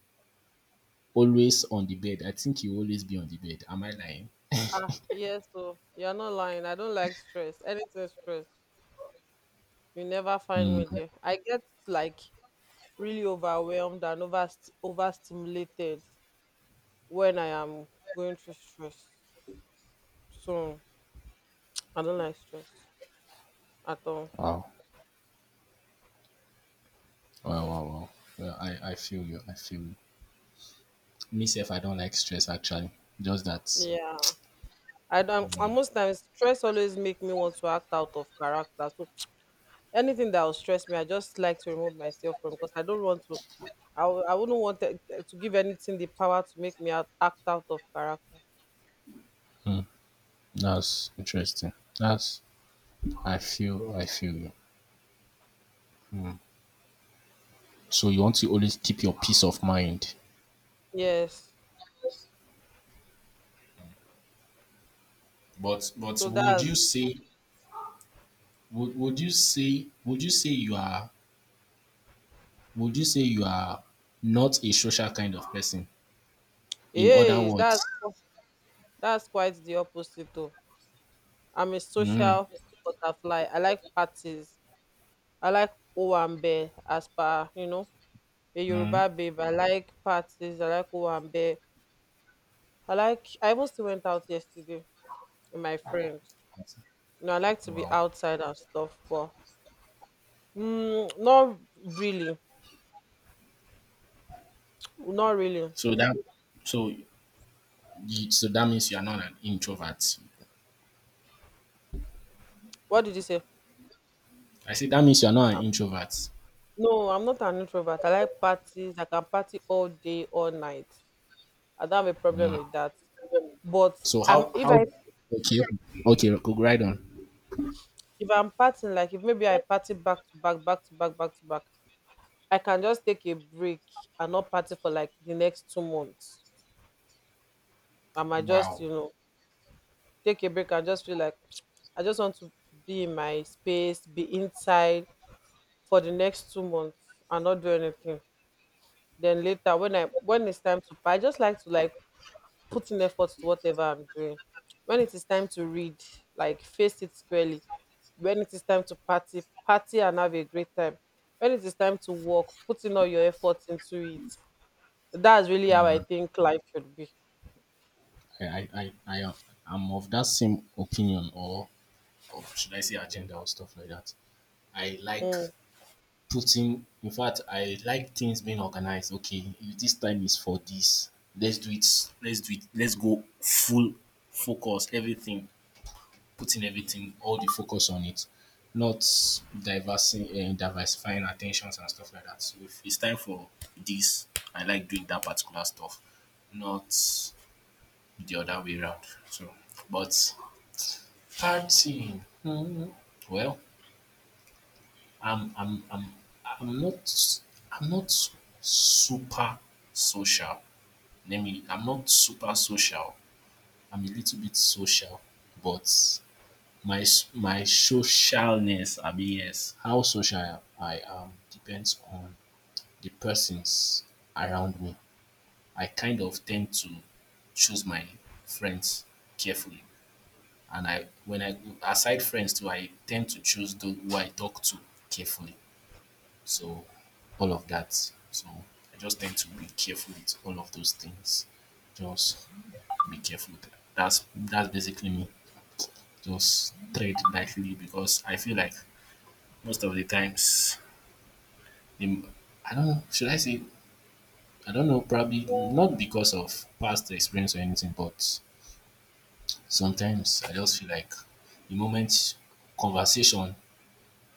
Speaker 1: always on the bed, I think you always be on the bed. Am I lying?
Speaker 2: Ah yes, so you're not lying. I don't like stress. Anything stress. You never find
Speaker 1: Hmm.
Speaker 2: me there. I get like really overwhelmed and overstimulated when I am going through stress. So I don't like stress at all.
Speaker 1: Wow. Wow, wow, wow. Well, I feel you. I feel you. Me, if I don't like stress, actually. Just that.
Speaker 2: Yeah. I don't, and most times stress always make me want to act out of character. So anything that will stress me, I just like to remove myself from, because I don't want to, I wouldn't want to give anything the power to make me act out of character.
Speaker 1: That's interesting. That's, I feel you. So you want to always keep your peace of mind.
Speaker 2: Yes,
Speaker 1: But
Speaker 2: so
Speaker 1: would you
Speaker 2: that's,
Speaker 1: say, would you say you are would you say you are not a social kind of person? In other
Speaker 2: yeah,
Speaker 1: words,
Speaker 2: that's quite the opposite though. I'm a social butterfly. I like parties. I like owambe. As per you know, a Yoruba babe, I like parties, I like owambe. I like, I even still went out yesterday with my friend. You know, I like to be
Speaker 1: wow.
Speaker 2: outside and stuff, but mm, not really. Not really.
Speaker 1: So that so so that means you are not an introvert.
Speaker 2: What did you say?
Speaker 1: I say that means you are not an introvert.
Speaker 2: No, I'm not an introvert. I like parties. I can party all day, all night. I don't have a problem
Speaker 1: Mm.
Speaker 2: with that. But
Speaker 1: So how
Speaker 2: I'm, if I,
Speaker 1: okay okay, go right on.
Speaker 2: if I'm partying, like if maybe I party back to back, back to back, back to back, I can just take a break and not party for like the next 2 months. I might just,
Speaker 1: Wow.
Speaker 2: you know, take a break and just feel like, *tsk* I just want to be in my space, be inside for the next 2 months and not do anything. Then later when I, when it's time to pa- I just like to, like, put in effort to whatever I'm doing. When it is time to read, like, face it squarely. When it is time to party, party and have a great time. When it is time to work, putting all your efforts into it. That's really how I think life should be.
Speaker 1: I am of that same opinion, or should I say agenda or stuff like that. I like
Speaker 2: Mm,
Speaker 1: putting. In fact, I like things being organized. Okay, if this time is for this, let's do it. Let's do it. Let's go full focus. Everything, putting everything, all the focus on it, not diversing, diversifying attentions and stuff like that. So if it's time for this, I like doing that particular stuff, not the other way around. So, but, partying, well, I'm I'm I'm I'm not I'm not super social. Let me I'm not super social. I'm a little bit social, but my socialness, I mean, yes, how social I am depends on the persons around me. I kind of tend to choose my friends carefully, and I, when I aside friends too, I tend to choose those who I talk to carefully. So all of that. So I just tend to be careful with all of those things. Just be careful with that. That's basically me. Just tread lightly because I feel like most of the times, the, I don't know. Should I say? I don't know. Probably not because of past experience or anything, but sometimes I just feel like the moment conversation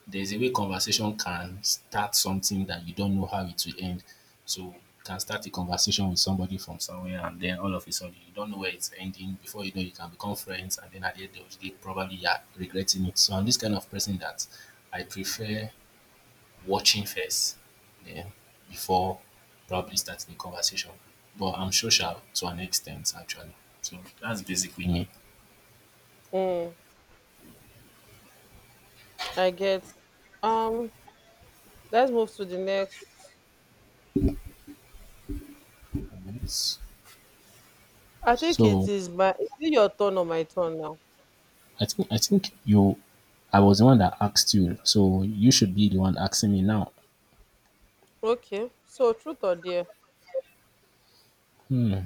Speaker 1: there's a way conversation can start something that you don't know how it will end. So you can start a conversation with somebody from somewhere and then all of a sudden you don't know where it's ending. Before you know you can become friends and then at the end of the day probably you are regretting it. So I'm this kind of person that I prefer watching first then before probably starting a conversation. But I'm social to an extent actually. So that's basically
Speaker 2: mm, I get. Um, let's move to the next.
Speaker 1: me.
Speaker 2: I think it
Speaker 1: So
Speaker 2: is my. Is it your turn or my turn now?
Speaker 1: I think you I was the one that asked you, so you should be the one asking me now.
Speaker 2: Okay. So truth or dare?
Speaker 1: Hmm.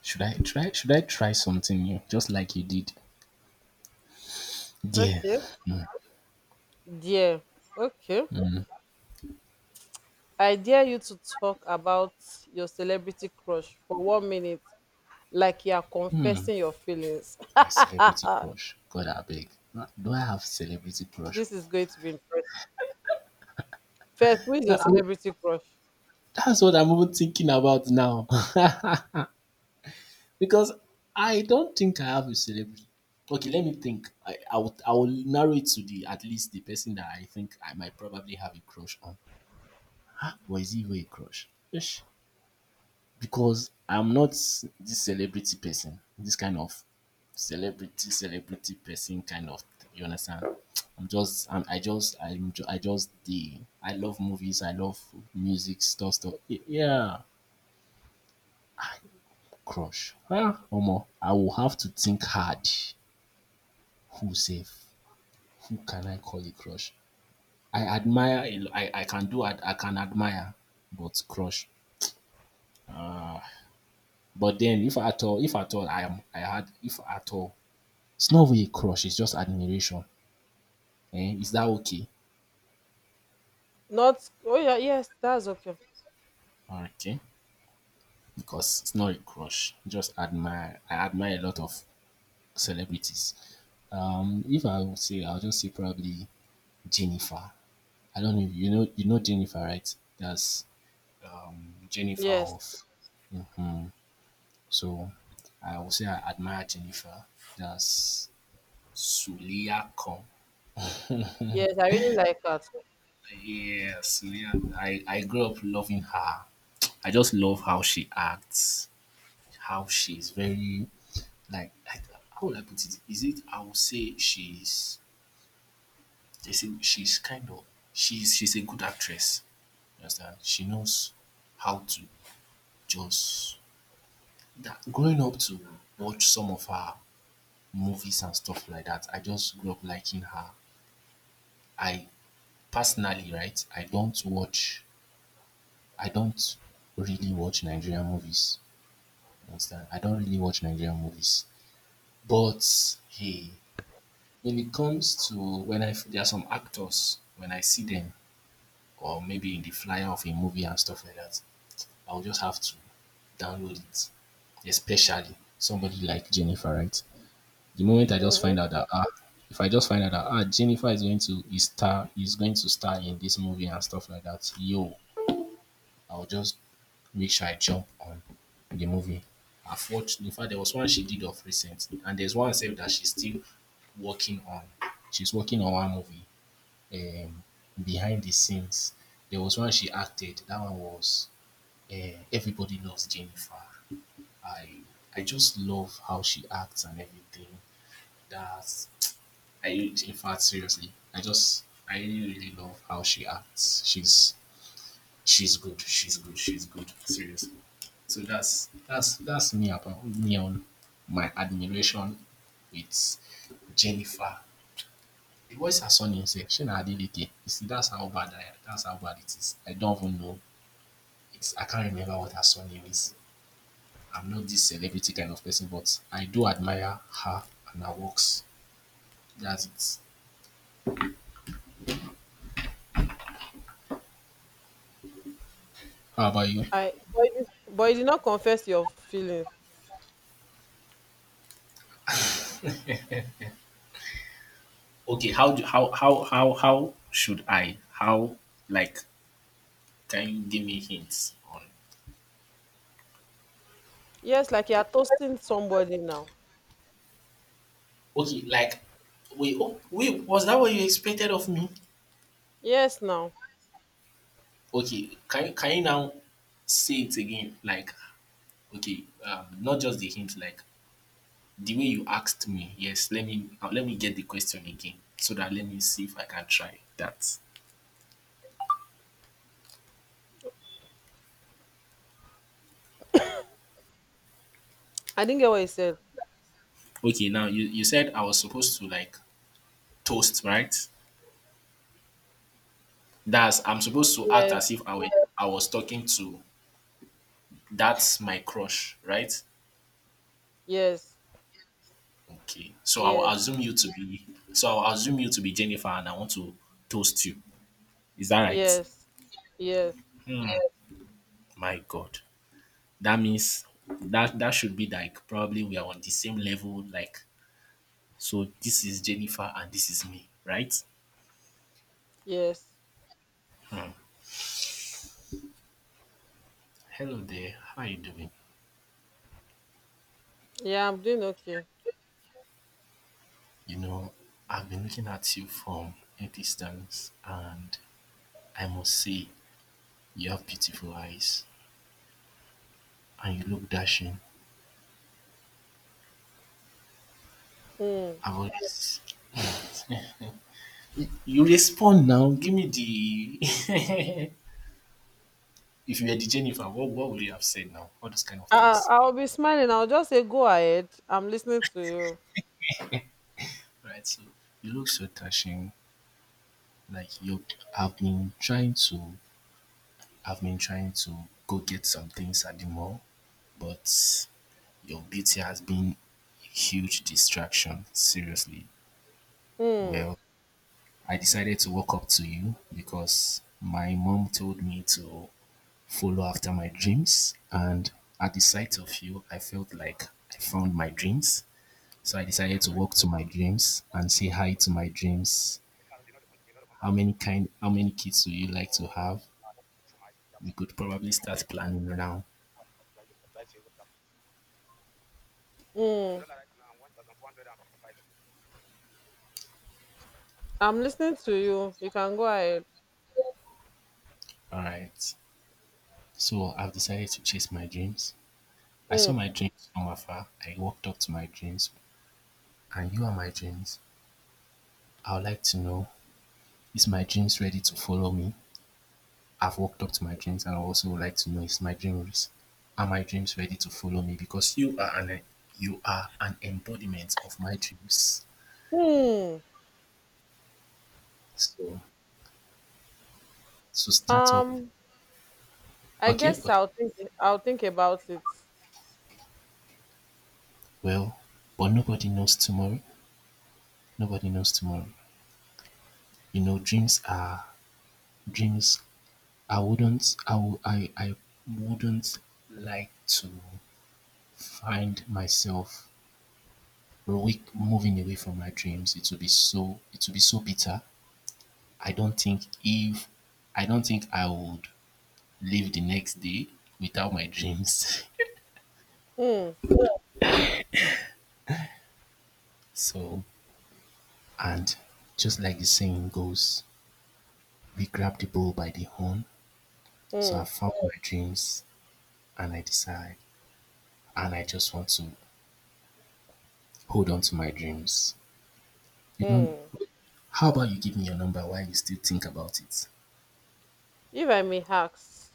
Speaker 1: Should I try something new? Just like you did. Dear,
Speaker 2: Okay.
Speaker 1: hmm,
Speaker 2: Dare. Okay. I dare you to talk about your celebrity crush for 1 minute, like you are confessing your feelings. *laughs*
Speaker 1: my celebrity crush. God, I beg. Do I have celebrity crush?
Speaker 2: This is going to be interesting. First, who is
Speaker 1: No,
Speaker 2: your
Speaker 1: I'm-
Speaker 2: celebrity crush?
Speaker 1: That's what I'm even thinking about now. *laughs* Because I don't think I have a celebrity. Okay, let me think. I will narrow it to the at least the person that I think I might probably have a crush on. *gasps* Ah, but is he even a crush? Ish. Because I'm not this celebrity person, this kind of celebrity person kind of. You understand? I'm just, I'm, I just, I'm, ju- I just the. I love movies. I love music stuff. Stuff. Y- Yeah, crush. Ah, Omo, I will have to think hard. Who safe? Who can I call a crush? I admire. A lo- I can do. I can admire, but crush. But then, if at all, I am. I had. if at all, it's not really a crush, it's just admiration. Eh? Is that okay?
Speaker 2: Not, oh, yeah, yes, that's okay.
Speaker 1: Okay. Because it's not a crush. Just admire. I admire a lot of celebrities. If I would say, I'll just say probably Jennifer. I don't know. If You know, you know Jennifer, right? That's Jennifer
Speaker 2: Yes,
Speaker 1: of. So I would say I admire Jennifer. That's Sulia Kong.
Speaker 2: yes, I really like her.
Speaker 1: Yeah, Sulia. I grew up loving her. I just love how she acts, how she's very like how would I put it? Is it I would say she's kind of she's a good actress. You understand? She knows how to just that growing up to watch some of her movies and stuff like that, I just grew up liking her. I personally, right, I don't really watch Nigerian movies. You understand? I don't really watch Nigerian movies. But hey, when it comes to when I there are some actors when I see them or maybe in the flyer of a movie and stuff like that, I'll just have to download it. Especially somebody like Jennifer, right? The moment I just
Speaker 2: Mm-hmm.
Speaker 1: find out that ah, If I just find out that ah, Jennifer is going to star in this movie and stuff like that, yo, I'll just make sure I jump on the movie. I've watched, in fact there was one she did of recent and there's one said that she's still working on. She's working on one movie, um, behind the scenes. There was one she acted. That one was uh, Everybody Loves Jennifer. I I just love how she acts and everything. That's I in fact seriously, I really really love how she acts. She's good. She's good. She's good. Seriously. So that's me, about me on my admiration with Jennifer. The voice her son himself, Shina Adeleke. You see, that's how bad it is. I don't even know. It's, I can't remember what her surname is. I'm not this celebrity kind of person, but I do admire her and her works. That's it. How about you?
Speaker 2: I, but you did not confess your feelings.
Speaker 1: Okay, how do how should I? How, like, can you give me hints on?
Speaker 2: Yes, like you are toasting somebody now.
Speaker 1: Okay, like wait, oh, wait, was that what you expected of me?
Speaker 2: Yes, now.
Speaker 1: Okay, can you now say it again? Like okay, not just the hint, like the way you asked me, yes, let me get the question again so that let me see if I can try that.
Speaker 2: I didn't get what you said.
Speaker 1: Okay, now you said I was supposed to like toast, right? That's I'm supposed to act
Speaker 2: Yes,
Speaker 1: as if I were I was talking to, that's my crush, right?
Speaker 2: yes,
Speaker 1: Okay.
Speaker 2: yes,
Speaker 1: So I'll assume you to be Jennifer and I want to toast you. Is that right?
Speaker 2: yes, yes,
Speaker 1: Hmm, my God. That means that that should be like probably we are on the same level, like so this is Jennifer and this is me, right?
Speaker 2: yes.
Speaker 1: Hello there, how are you doing?
Speaker 2: Yeah, I'm doing okay.
Speaker 1: You know, I've been looking at you from a distance, and I must say, you have beautiful eyes and you look dashing.
Speaker 2: Hmm.
Speaker 1: I've always. You respond now, give me the. *laughs* If you were the Jennifer, what would you have said now? All those kind of
Speaker 2: I,
Speaker 1: things,
Speaker 2: I'll be smiling. I'll just say, go ahead. I'm listening to you.
Speaker 1: right? So, you look so dashing, like you. I've been trying to. I've been trying to go get some things at the mall, but your beauty has been a huge distraction, seriously.
Speaker 2: Mm,
Speaker 1: Well, I decided to walk up to you because my mom told me to follow after my dreams. And at the sight of you, I felt like I found my dreams. So I decided to walk to my dreams and say hi to my dreams. How many kids do you like to have? We could probably start planning now.
Speaker 2: mm. I'm listening to you. You can go ahead.
Speaker 1: Alright. So I've decided to chase my dreams. I
Speaker 2: Mm,
Speaker 1: saw my dreams from afar. I walked up to my dreams, and you are my dreams. I would like to know, is my dreams ready to follow me? I've walked up to my dreams and I also would like to know, is my dreams are my dreams ready to follow me? Because you are an embodiment of my dreams.
Speaker 2: mm.
Speaker 1: So so start up,
Speaker 2: Um, I
Speaker 1: okay,
Speaker 2: guess
Speaker 1: okay.
Speaker 2: I'll think. I'll think about it.
Speaker 1: Well, but nobody knows tomorrow. Nobody knows tomorrow. You know, dreams are dreams. I wouldn't I wou- I wouldn't like to find myself weak moving away from my dreams. It will be so, it will be so bitter. i don't think if I don't think I would live the next day without my dreams.
Speaker 2: Mm,
Speaker 1: *laughs* So and just like the saying goes, we grab the bull by the horn. So I
Speaker 2: mm,
Speaker 1: found my dreams and I decide and I just want to hold on to my dreams. You don't.
Speaker 2: mm.
Speaker 1: How about you give me your number while you still think about it?
Speaker 2: If I may ask,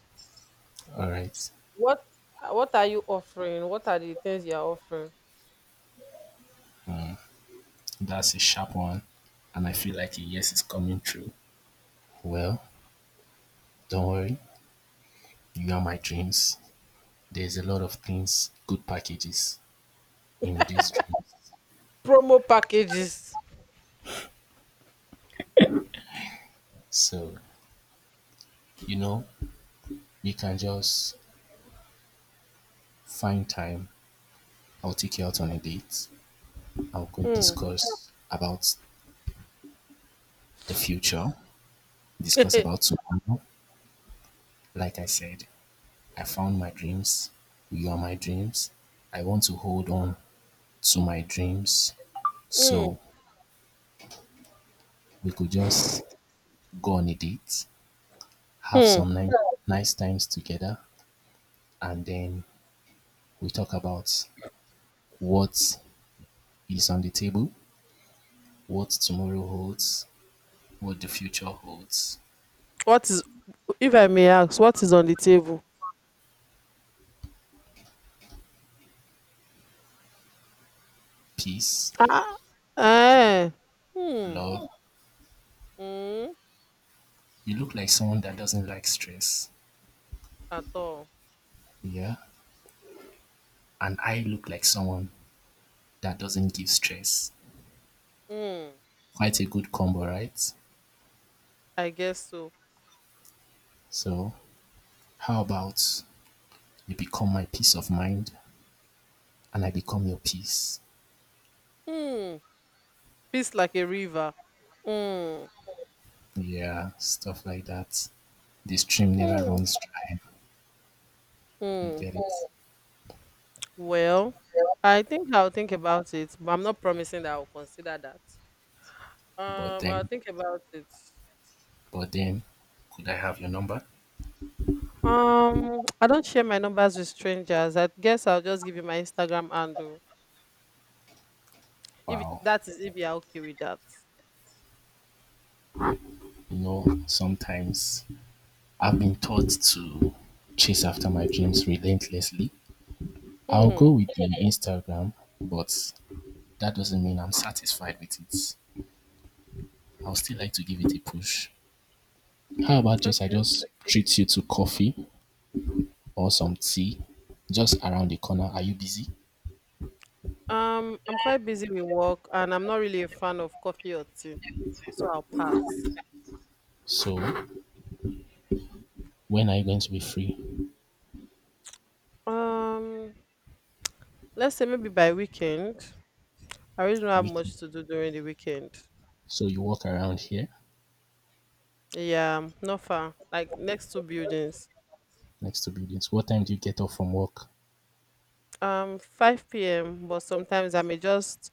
Speaker 1: All right
Speaker 2: what what are you offering? What are the things you are offering?
Speaker 1: that's a sharp one and I feel like a yes is coming true. Well, don't worry, you are my dreams. There's a lot of things, good packages in these dreams.
Speaker 2: Promo packages.
Speaker 1: So, you know, you can just find time. I'll take you out on a date. I'll go
Speaker 2: Mm,
Speaker 1: discuss about the future, discuss
Speaker 2: *laughs*
Speaker 1: about tomorrow. Like I said, I found my dreams. You are my dreams. I want to hold on to my dreams.
Speaker 2: mm,
Speaker 1: So we could just go on a date, have
Speaker 2: hmm.
Speaker 1: some ni- nice times together, and then we talk about what is on the table, what tomorrow holds, what the future holds,
Speaker 2: What is? If I may ask, what is on the table?
Speaker 1: peace,
Speaker 2: Ah. Eh. Hmm.
Speaker 1: love.
Speaker 2: Hmm.
Speaker 1: You look like someone that doesn't like stress.
Speaker 2: At all.
Speaker 1: Yeah. And I look like someone that doesn't give stress.
Speaker 2: Mm,
Speaker 1: Quite a good combo, right?
Speaker 2: I guess so.
Speaker 1: So, how about you become my peace of mind and I become your peace?
Speaker 2: Mm, peace like a river. Mm,
Speaker 1: Yeah, stuff like that. The stream never
Speaker 2: mm,
Speaker 1: runs dry. You
Speaker 2: mm.
Speaker 1: get it?
Speaker 2: Well, I think I'll think about it, but I'm not promising that I'll consider that.
Speaker 1: But
Speaker 2: I'll
Speaker 1: then,
Speaker 2: think about it.
Speaker 1: but then, could I have your number?
Speaker 2: *tsk* I don't share my numbers with strangers. I guess I'll just give you my Instagram handle. If
Speaker 1: Wow.
Speaker 2: that is if you're okay with that.
Speaker 1: You know, sometimes I've been taught to chase after my dreams relentlessly. I'll go
Speaker 2: Hmm.
Speaker 1: with the Instagram, but that doesn't mean I'm satisfied with it. I'll still like to give it a push. How about just I
Speaker 2: Okay.
Speaker 1: just treat you to coffee or some tea just around the corner? Are you busy?
Speaker 2: I'm quite busy with work, and I'm not really a fan of coffee or tea, so I'll pass.
Speaker 1: So when are you going to be free?
Speaker 2: Um. Let's say maybe by weekend. I really don't have
Speaker 1: Weekend.
Speaker 2: much to do during the weekend.
Speaker 1: So you walk around here
Speaker 2: Yeah, not far. Like next two buildings.
Speaker 1: next to buildings. What time do you get off from work?
Speaker 2: 5 p.m. But sometimes I may just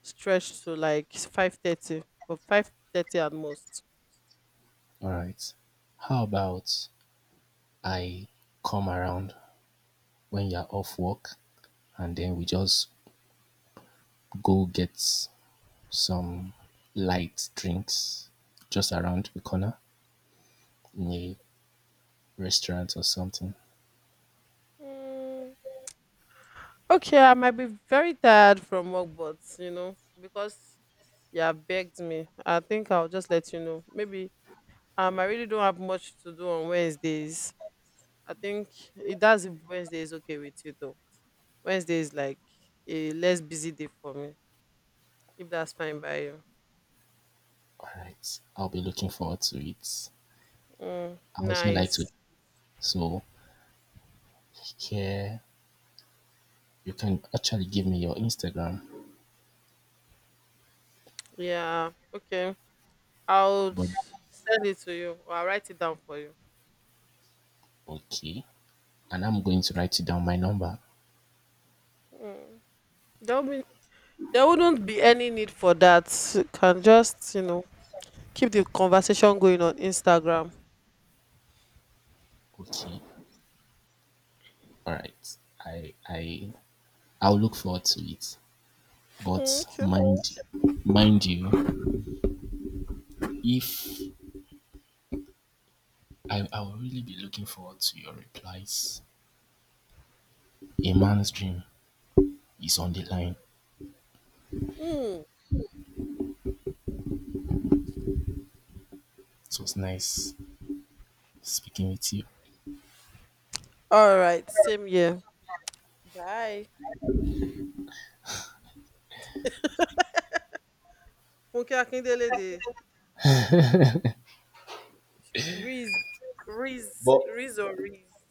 Speaker 2: stretch to like 5:30, but 5:30 at most.
Speaker 1: All right. How about I come around when you're off work, and then we just go get some light drinks just around the corner in a restaurant or something.
Speaker 2: Mm, okay, I might be very tired from work, but because you have begged me, I think I'll just let you know. Maybe I really don't have much to do on Wednesdays. I think it does if Wednesday is okay with you though. Wednesday is like a less busy day for me, if that's fine by you.
Speaker 1: All right, I'll be looking forward to it.
Speaker 2: Mm,
Speaker 1: I also like to,
Speaker 2: nice.
Speaker 1: so here you can actually give me your Instagram,
Speaker 2: Yeah. Okay. I'll
Speaker 1: but
Speaker 2: send it to you or I'll write it down for you.
Speaker 1: okay, and I'm going to write you down my number.
Speaker 2: There will be, there wouldn't be any need for that. You can just, keep the conversation going on Instagram.
Speaker 1: Okay, all right, I I I'll look forward to it.
Speaker 2: Mm,
Speaker 1: But
Speaker 2: okay.
Speaker 1: mind, mind you, if I will really be looking forward to your replies. A man's dream is on the line.
Speaker 2: Mm.
Speaker 1: It was nice speaking with you.
Speaker 2: All right. Same here. Bye. Funke Akindele de Riz. Riz.
Speaker 1: But
Speaker 2: Riz or Riz.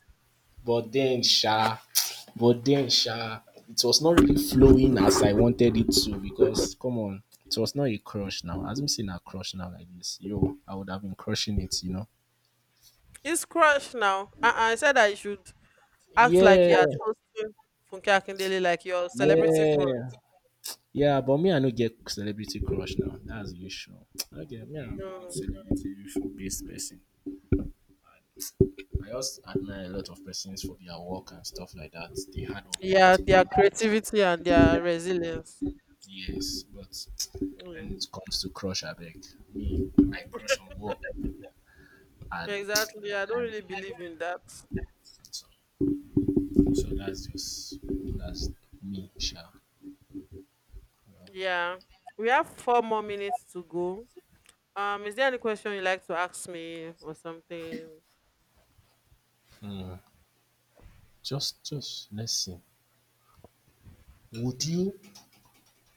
Speaker 1: but then sha but then sha it was not really flowing as I wanted it to because come on, it was not a crush now. As me saying a crush now like this, yo, I would have been crushing it.
Speaker 2: It's crushed now. Uh-uh, I said I should act like
Speaker 1: Yeah,
Speaker 2: you are toasting Funke Akindele, like your celebrity crush.
Speaker 1: yeah, yeah, but me, I no get celebrity crush now. That's the issue. Okay, me, I'm not
Speaker 2: Mm.
Speaker 1: celebrity based person. I just admire a lot of persons for their work and stuff like that. The hard work they
Speaker 2: Yeah,
Speaker 1: put
Speaker 2: their
Speaker 1: in.
Speaker 2: creativity and their resilience.
Speaker 1: Yes, but
Speaker 2: Oh, yeah.
Speaker 1: when it comes to crush, I beg me, I crush on work. Hard.
Speaker 2: Exactly. I don't really believe in that.
Speaker 1: So, so that's just that's me, sha. Yeah.
Speaker 2: Yeah. We have four more minutes to go. Is there any question you like to ask me or something?
Speaker 1: Just let's see. Would you,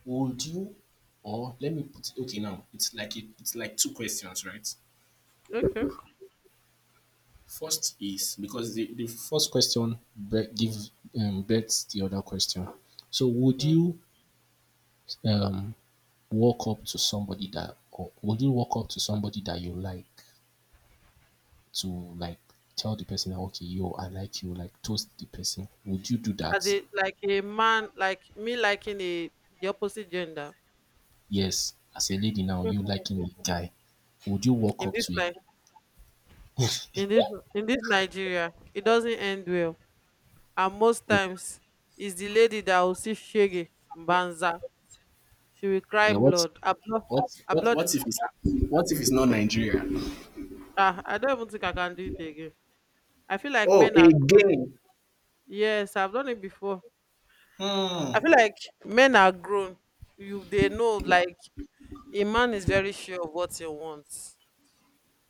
Speaker 1: would you, or let me put it. Okay, now it's like it's like two questions, right?
Speaker 2: Okay.
Speaker 1: First is because the first question gives bets the other question. So would
Speaker 2: Mm.
Speaker 1: you um walk up to somebody that or would you walk up to somebody that you like to like tell the person that okay, yo, I like you, like toast the person, would you do
Speaker 2: As a
Speaker 1: that?
Speaker 2: like a man, like me liking a the opposite gender
Speaker 1: Yes, as a lady now, you liking a guy, would you walk
Speaker 2: in
Speaker 1: up
Speaker 2: this
Speaker 1: to
Speaker 2: night in this in this Nigeria, it doesn't end well. And most
Speaker 1: a
Speaker 2: times it's the lady that will see shege banza. She will cry
Speaker 1: uh, what
Speaker 2: blood, her blood,
Speaker 1: what?
Speaker 2: her blood is— I don't even think I can do it again. I feel like
Speaker 1: Oh,
Speaker 2: men are grown.
Speaker 1: again.
Speaker 2: Yes, I've done it before. I
Speaker 1: Hmm.
Speaker 2: feel like men are grown. You, they know, like a man is very sure of what he wants.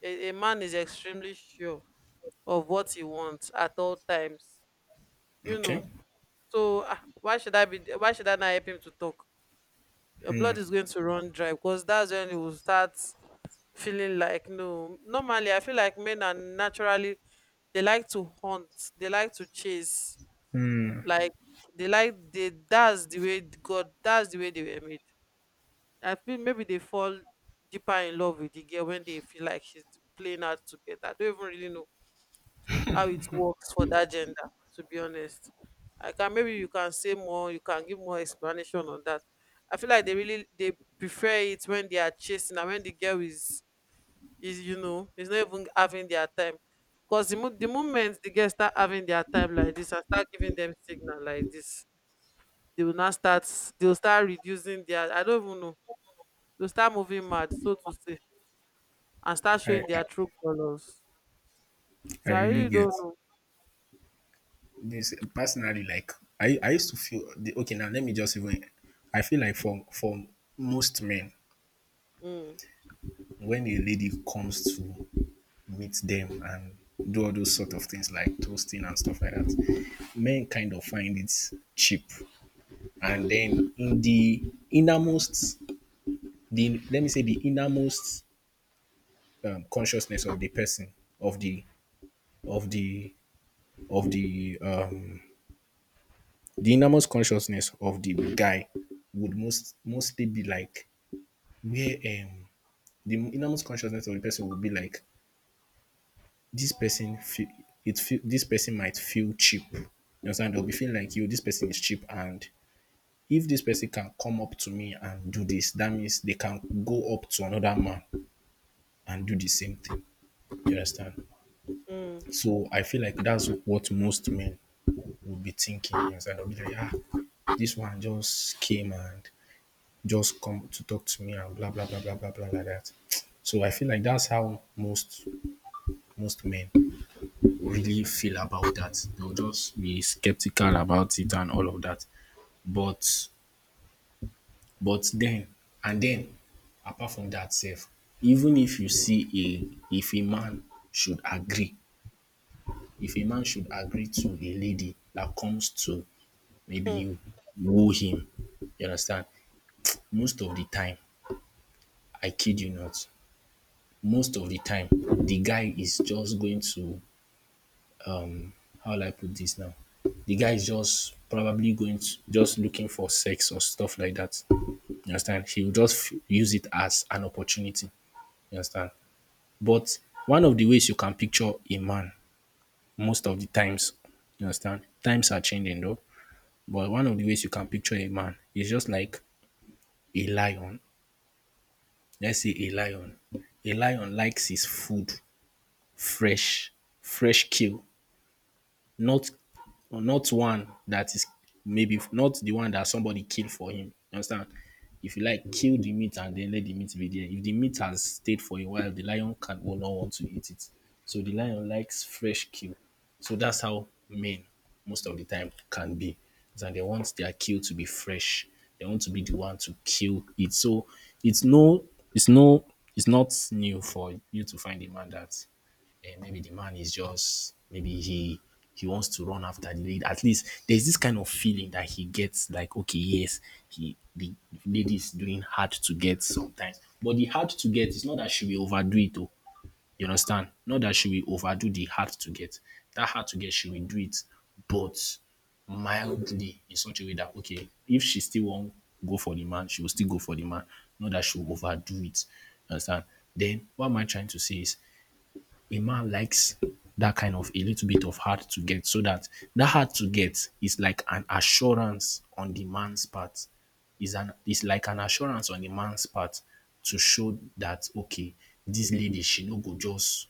Speaker 2: A man is extremely sure of what he wants at all times you know
Speaker 1: Okay,
Speaker 2: so, why should I not help him to talk? Your blood is going to run dry because that's when he will start feeling like, no, normally I feel like men are naturally— they like to hunt, they like to chase, like they like, they, that's the way, God, that's the way they were made. I feel maybe they fall deeper in love with the girl when they feel like she's playing out together. I don't even really know how it works for that gender, to be honest. I can— maybe you can say more, you can give more explanation on that. I feel like they really, they prefer it when they are chasing and when the girl is you know is not even having their time. Because the moment the girls start having their time like this and start giving them signal like this, they will now start they will start reducing their— I don't even know, they'll start moving mad, so to say, and start
Speaker 1: I
Speaker 2: showing their true colors.
Speaker 1: I
Speaker 2: So I
Speaker 1: really
Speaker 2: really
Speaker 1: get
Speaker 2: don't know.
Speaker 1: this personally. Like I used to feel the, okay. Now let me just even. I feel like for most men,
Speaker 2: Mm,
Speaker 1: when a lady comes to meet them and do all those sort of things like toasting and stuff like that, men kind of find it cheap. And then in the innermost, the let me say the innermost consciousness of the person of the of the of the innermost consciousness of the guy would most mostly be like where the innermost consciousness of the person would be like this person feel, this person might feel cheap, you understand, they'll be feeling like you cheap, and if this person can come up to me and do this, that means they can go up to another man and do the same thing. And
Speaker 2: mm,
Speaker 1: so I feel like that's what most men will be thinking. They be like, ah, this one just and that. That's how really big the to
Speaker 2: mm.
Speaker 1: him time. I kid not, all the time. The guy is just going to how will I put this now? The guy is just probably going to just looking for sex or stuff like that. You understand? He will just use it as an opportunity. You understand? But one of the ways you can picture a man most of the times. You understand? Times are changing though. But one of the ways you can picture a man is just like a lion. Let's say a lion. A lion likes his food fresh, fresh kill. Not not one that is maybe not the one that somebody killed for him. You understand? If you like, kill the meat and then let the meat be there. If the meat has stayed for a while, the lion can will not want to eat it. So the lion likes fresh kill. So that's how men most of the time can be. And they want their kill to be fresh. They want to be the one to kill it. So it's no it's it's not new for you to find a man that and maybe the man is just maybe he wants to run after the lady. At least there's this kind of feeling that he gets like, okay, yes, he the lady is doing hard to get sometimes. But the hard to get is not that she will overdo it though. You understand? Not that she will overdo the hard to get. That hard to get she will do it, but mildly. If she go for the man, she will still go for the man. Not that she will overdo it. You understand? What am I trying to say is a man likes that kind of a little bit of hard to get so that that hard to get is like an assurance on the man's part is an is like an assurance on the man's part to show that okay, this lady she no go just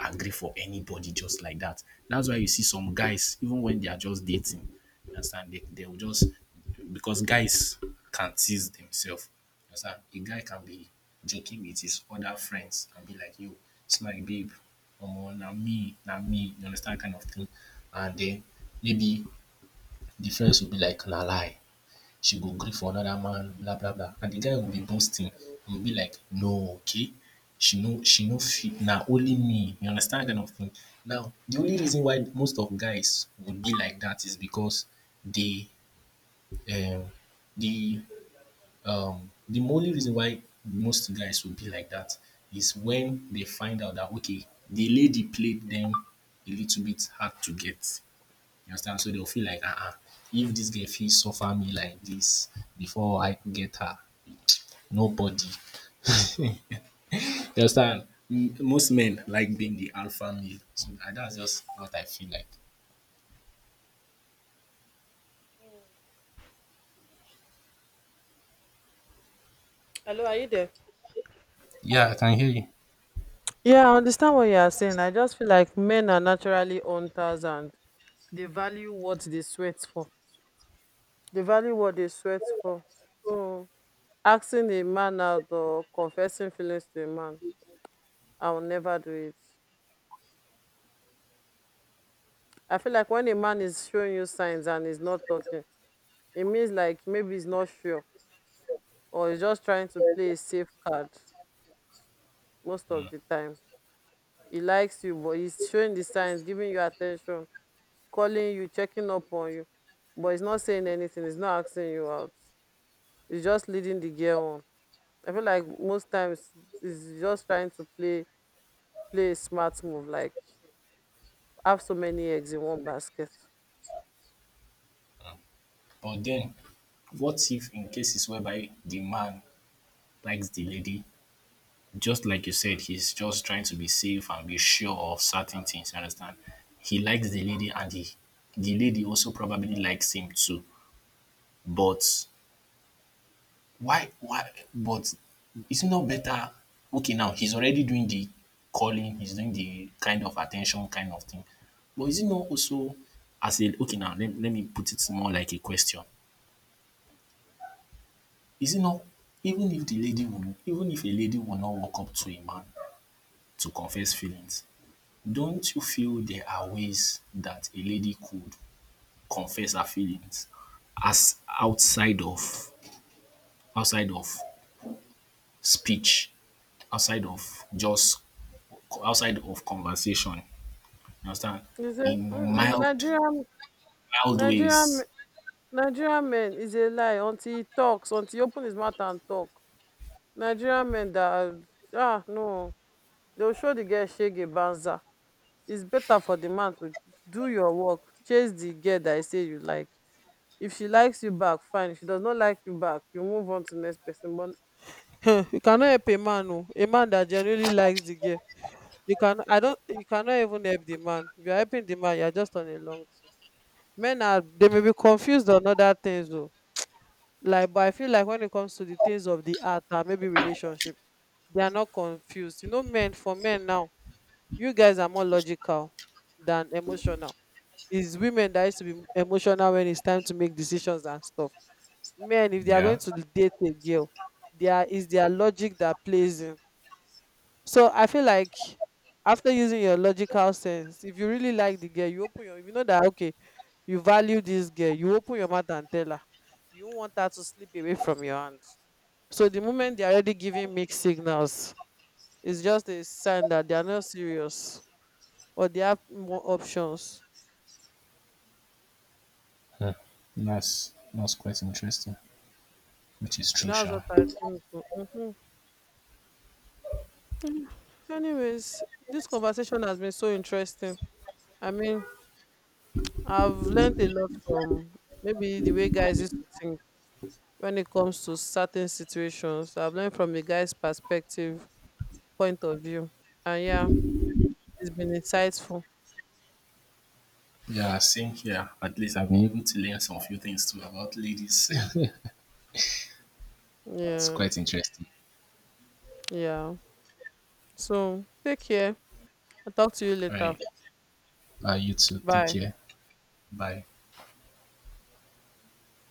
Speaker 1: agree for anybody just like that. That's why you see some guys, even when they are just dating, you understand, they will just because guys can tease themselves. You understand? A guy can be joking with his other friends and be like, yo, it's my babe. Omo, na me, na me. You understand kind of thing. And then maybe the friends will be like, na lie. She go gree for another man, blah blah blah. And the guy will be boasting. He will be like, no, okay, she no fit. Now only me. You understand that kind of thing. Now the only reason why most of guys would be like that is because they, um, the, the only reason why most guys would be like that is when they find out that okay, the lady played them a little bit hard to get. You understand? So they'll feel like, if this girl feels suffer me like this before I could get her, nobody. You understand? Most men like being the alpha male. So and that's just what I feel like.
Speaker 2: Hello, are you there?
Speaker 1: Yeah, I can hear you.
Speaker 2: Yeah, I understand what you are saying. I just feel like men are naturally hunters and they value what they sweat for, they value what they sweat for. So, asking a man out or confessing feelings to a man, I will never do it. I feel like when a man is showing you signs and is not talking, it means like maybe he's not sure or he's just trying to play a safe card most of the time. He likes you, but he's showing the signs, giving you attention, calling you, checking up on you, but he's not saying anything, he's not asking you out. He's just leading the girl on. I feel like most times he's just trying to play a smart move, like have so many eggs in one basket.
Speaker 1: But then, what if in cases whereby the man likes the lady, just like you said, he's just trying to be safe and be sure of certain things. You understand? He likes the lady, and the lady feel there are ways that a lady could confess her feelings as outside of speech, outside of just conversation.
Speaker 2: He said, "Mm-mm, Nigerian, me- Nigerian men is a lie until he talks, until he open his mouth and talk. Nigerian men that are— no, they'll show the girl shege banza. It's better for the man to do your work, chase the girl that I say you like. If she likes you back, fine. If she does not like you back, you move on to next person. But *laughs* you cannot help a man, oh, a man that genuinely likes the girl. You cannot even help the man. If you're helping the man, you're just on a long thing. Men are they may be confused on other things though. Like, but I feel like when it comes to the things of the art and maybe relationship, they are not confused. You know, men for men now, you guys are more logical than emotional. It's women that used to be emotional when it's time to make decisions and stuff. Men, if they are going to date a girl, there is their logic that plays in. So I feel like after using your logical sense, if you really like the girl, you open your if you know that, okay, you value this girl, you open your mouth and tell her. You don't want her to slip away from your hand. So the moment they're already giving mixed signals, it's just a sign that they are not serious or they have more options.
Speaker 1: Yeah. That's quite interesting, which is true,
Speaker 2: That's
Speaker 1: Sha.
Speaker 2: what I think. Mm-hmm. Anyways, this conversation has been so interesting. I mean, I've learned a lot from maybe the way guys used to think, when it comes to certain situations. I've learned from the guy's perspective, point of view. And yeah, it's been insightful.
Speaker 1: Yeah, since *laughs*
Speaker 2: Yeah,
Speaker 1: all
Speaker 2: yeah. So take care. I'll talk to you later.
Speaker 1: right. You too. Take
Speaker 2: Bye.
Speaker 1: care. Bye.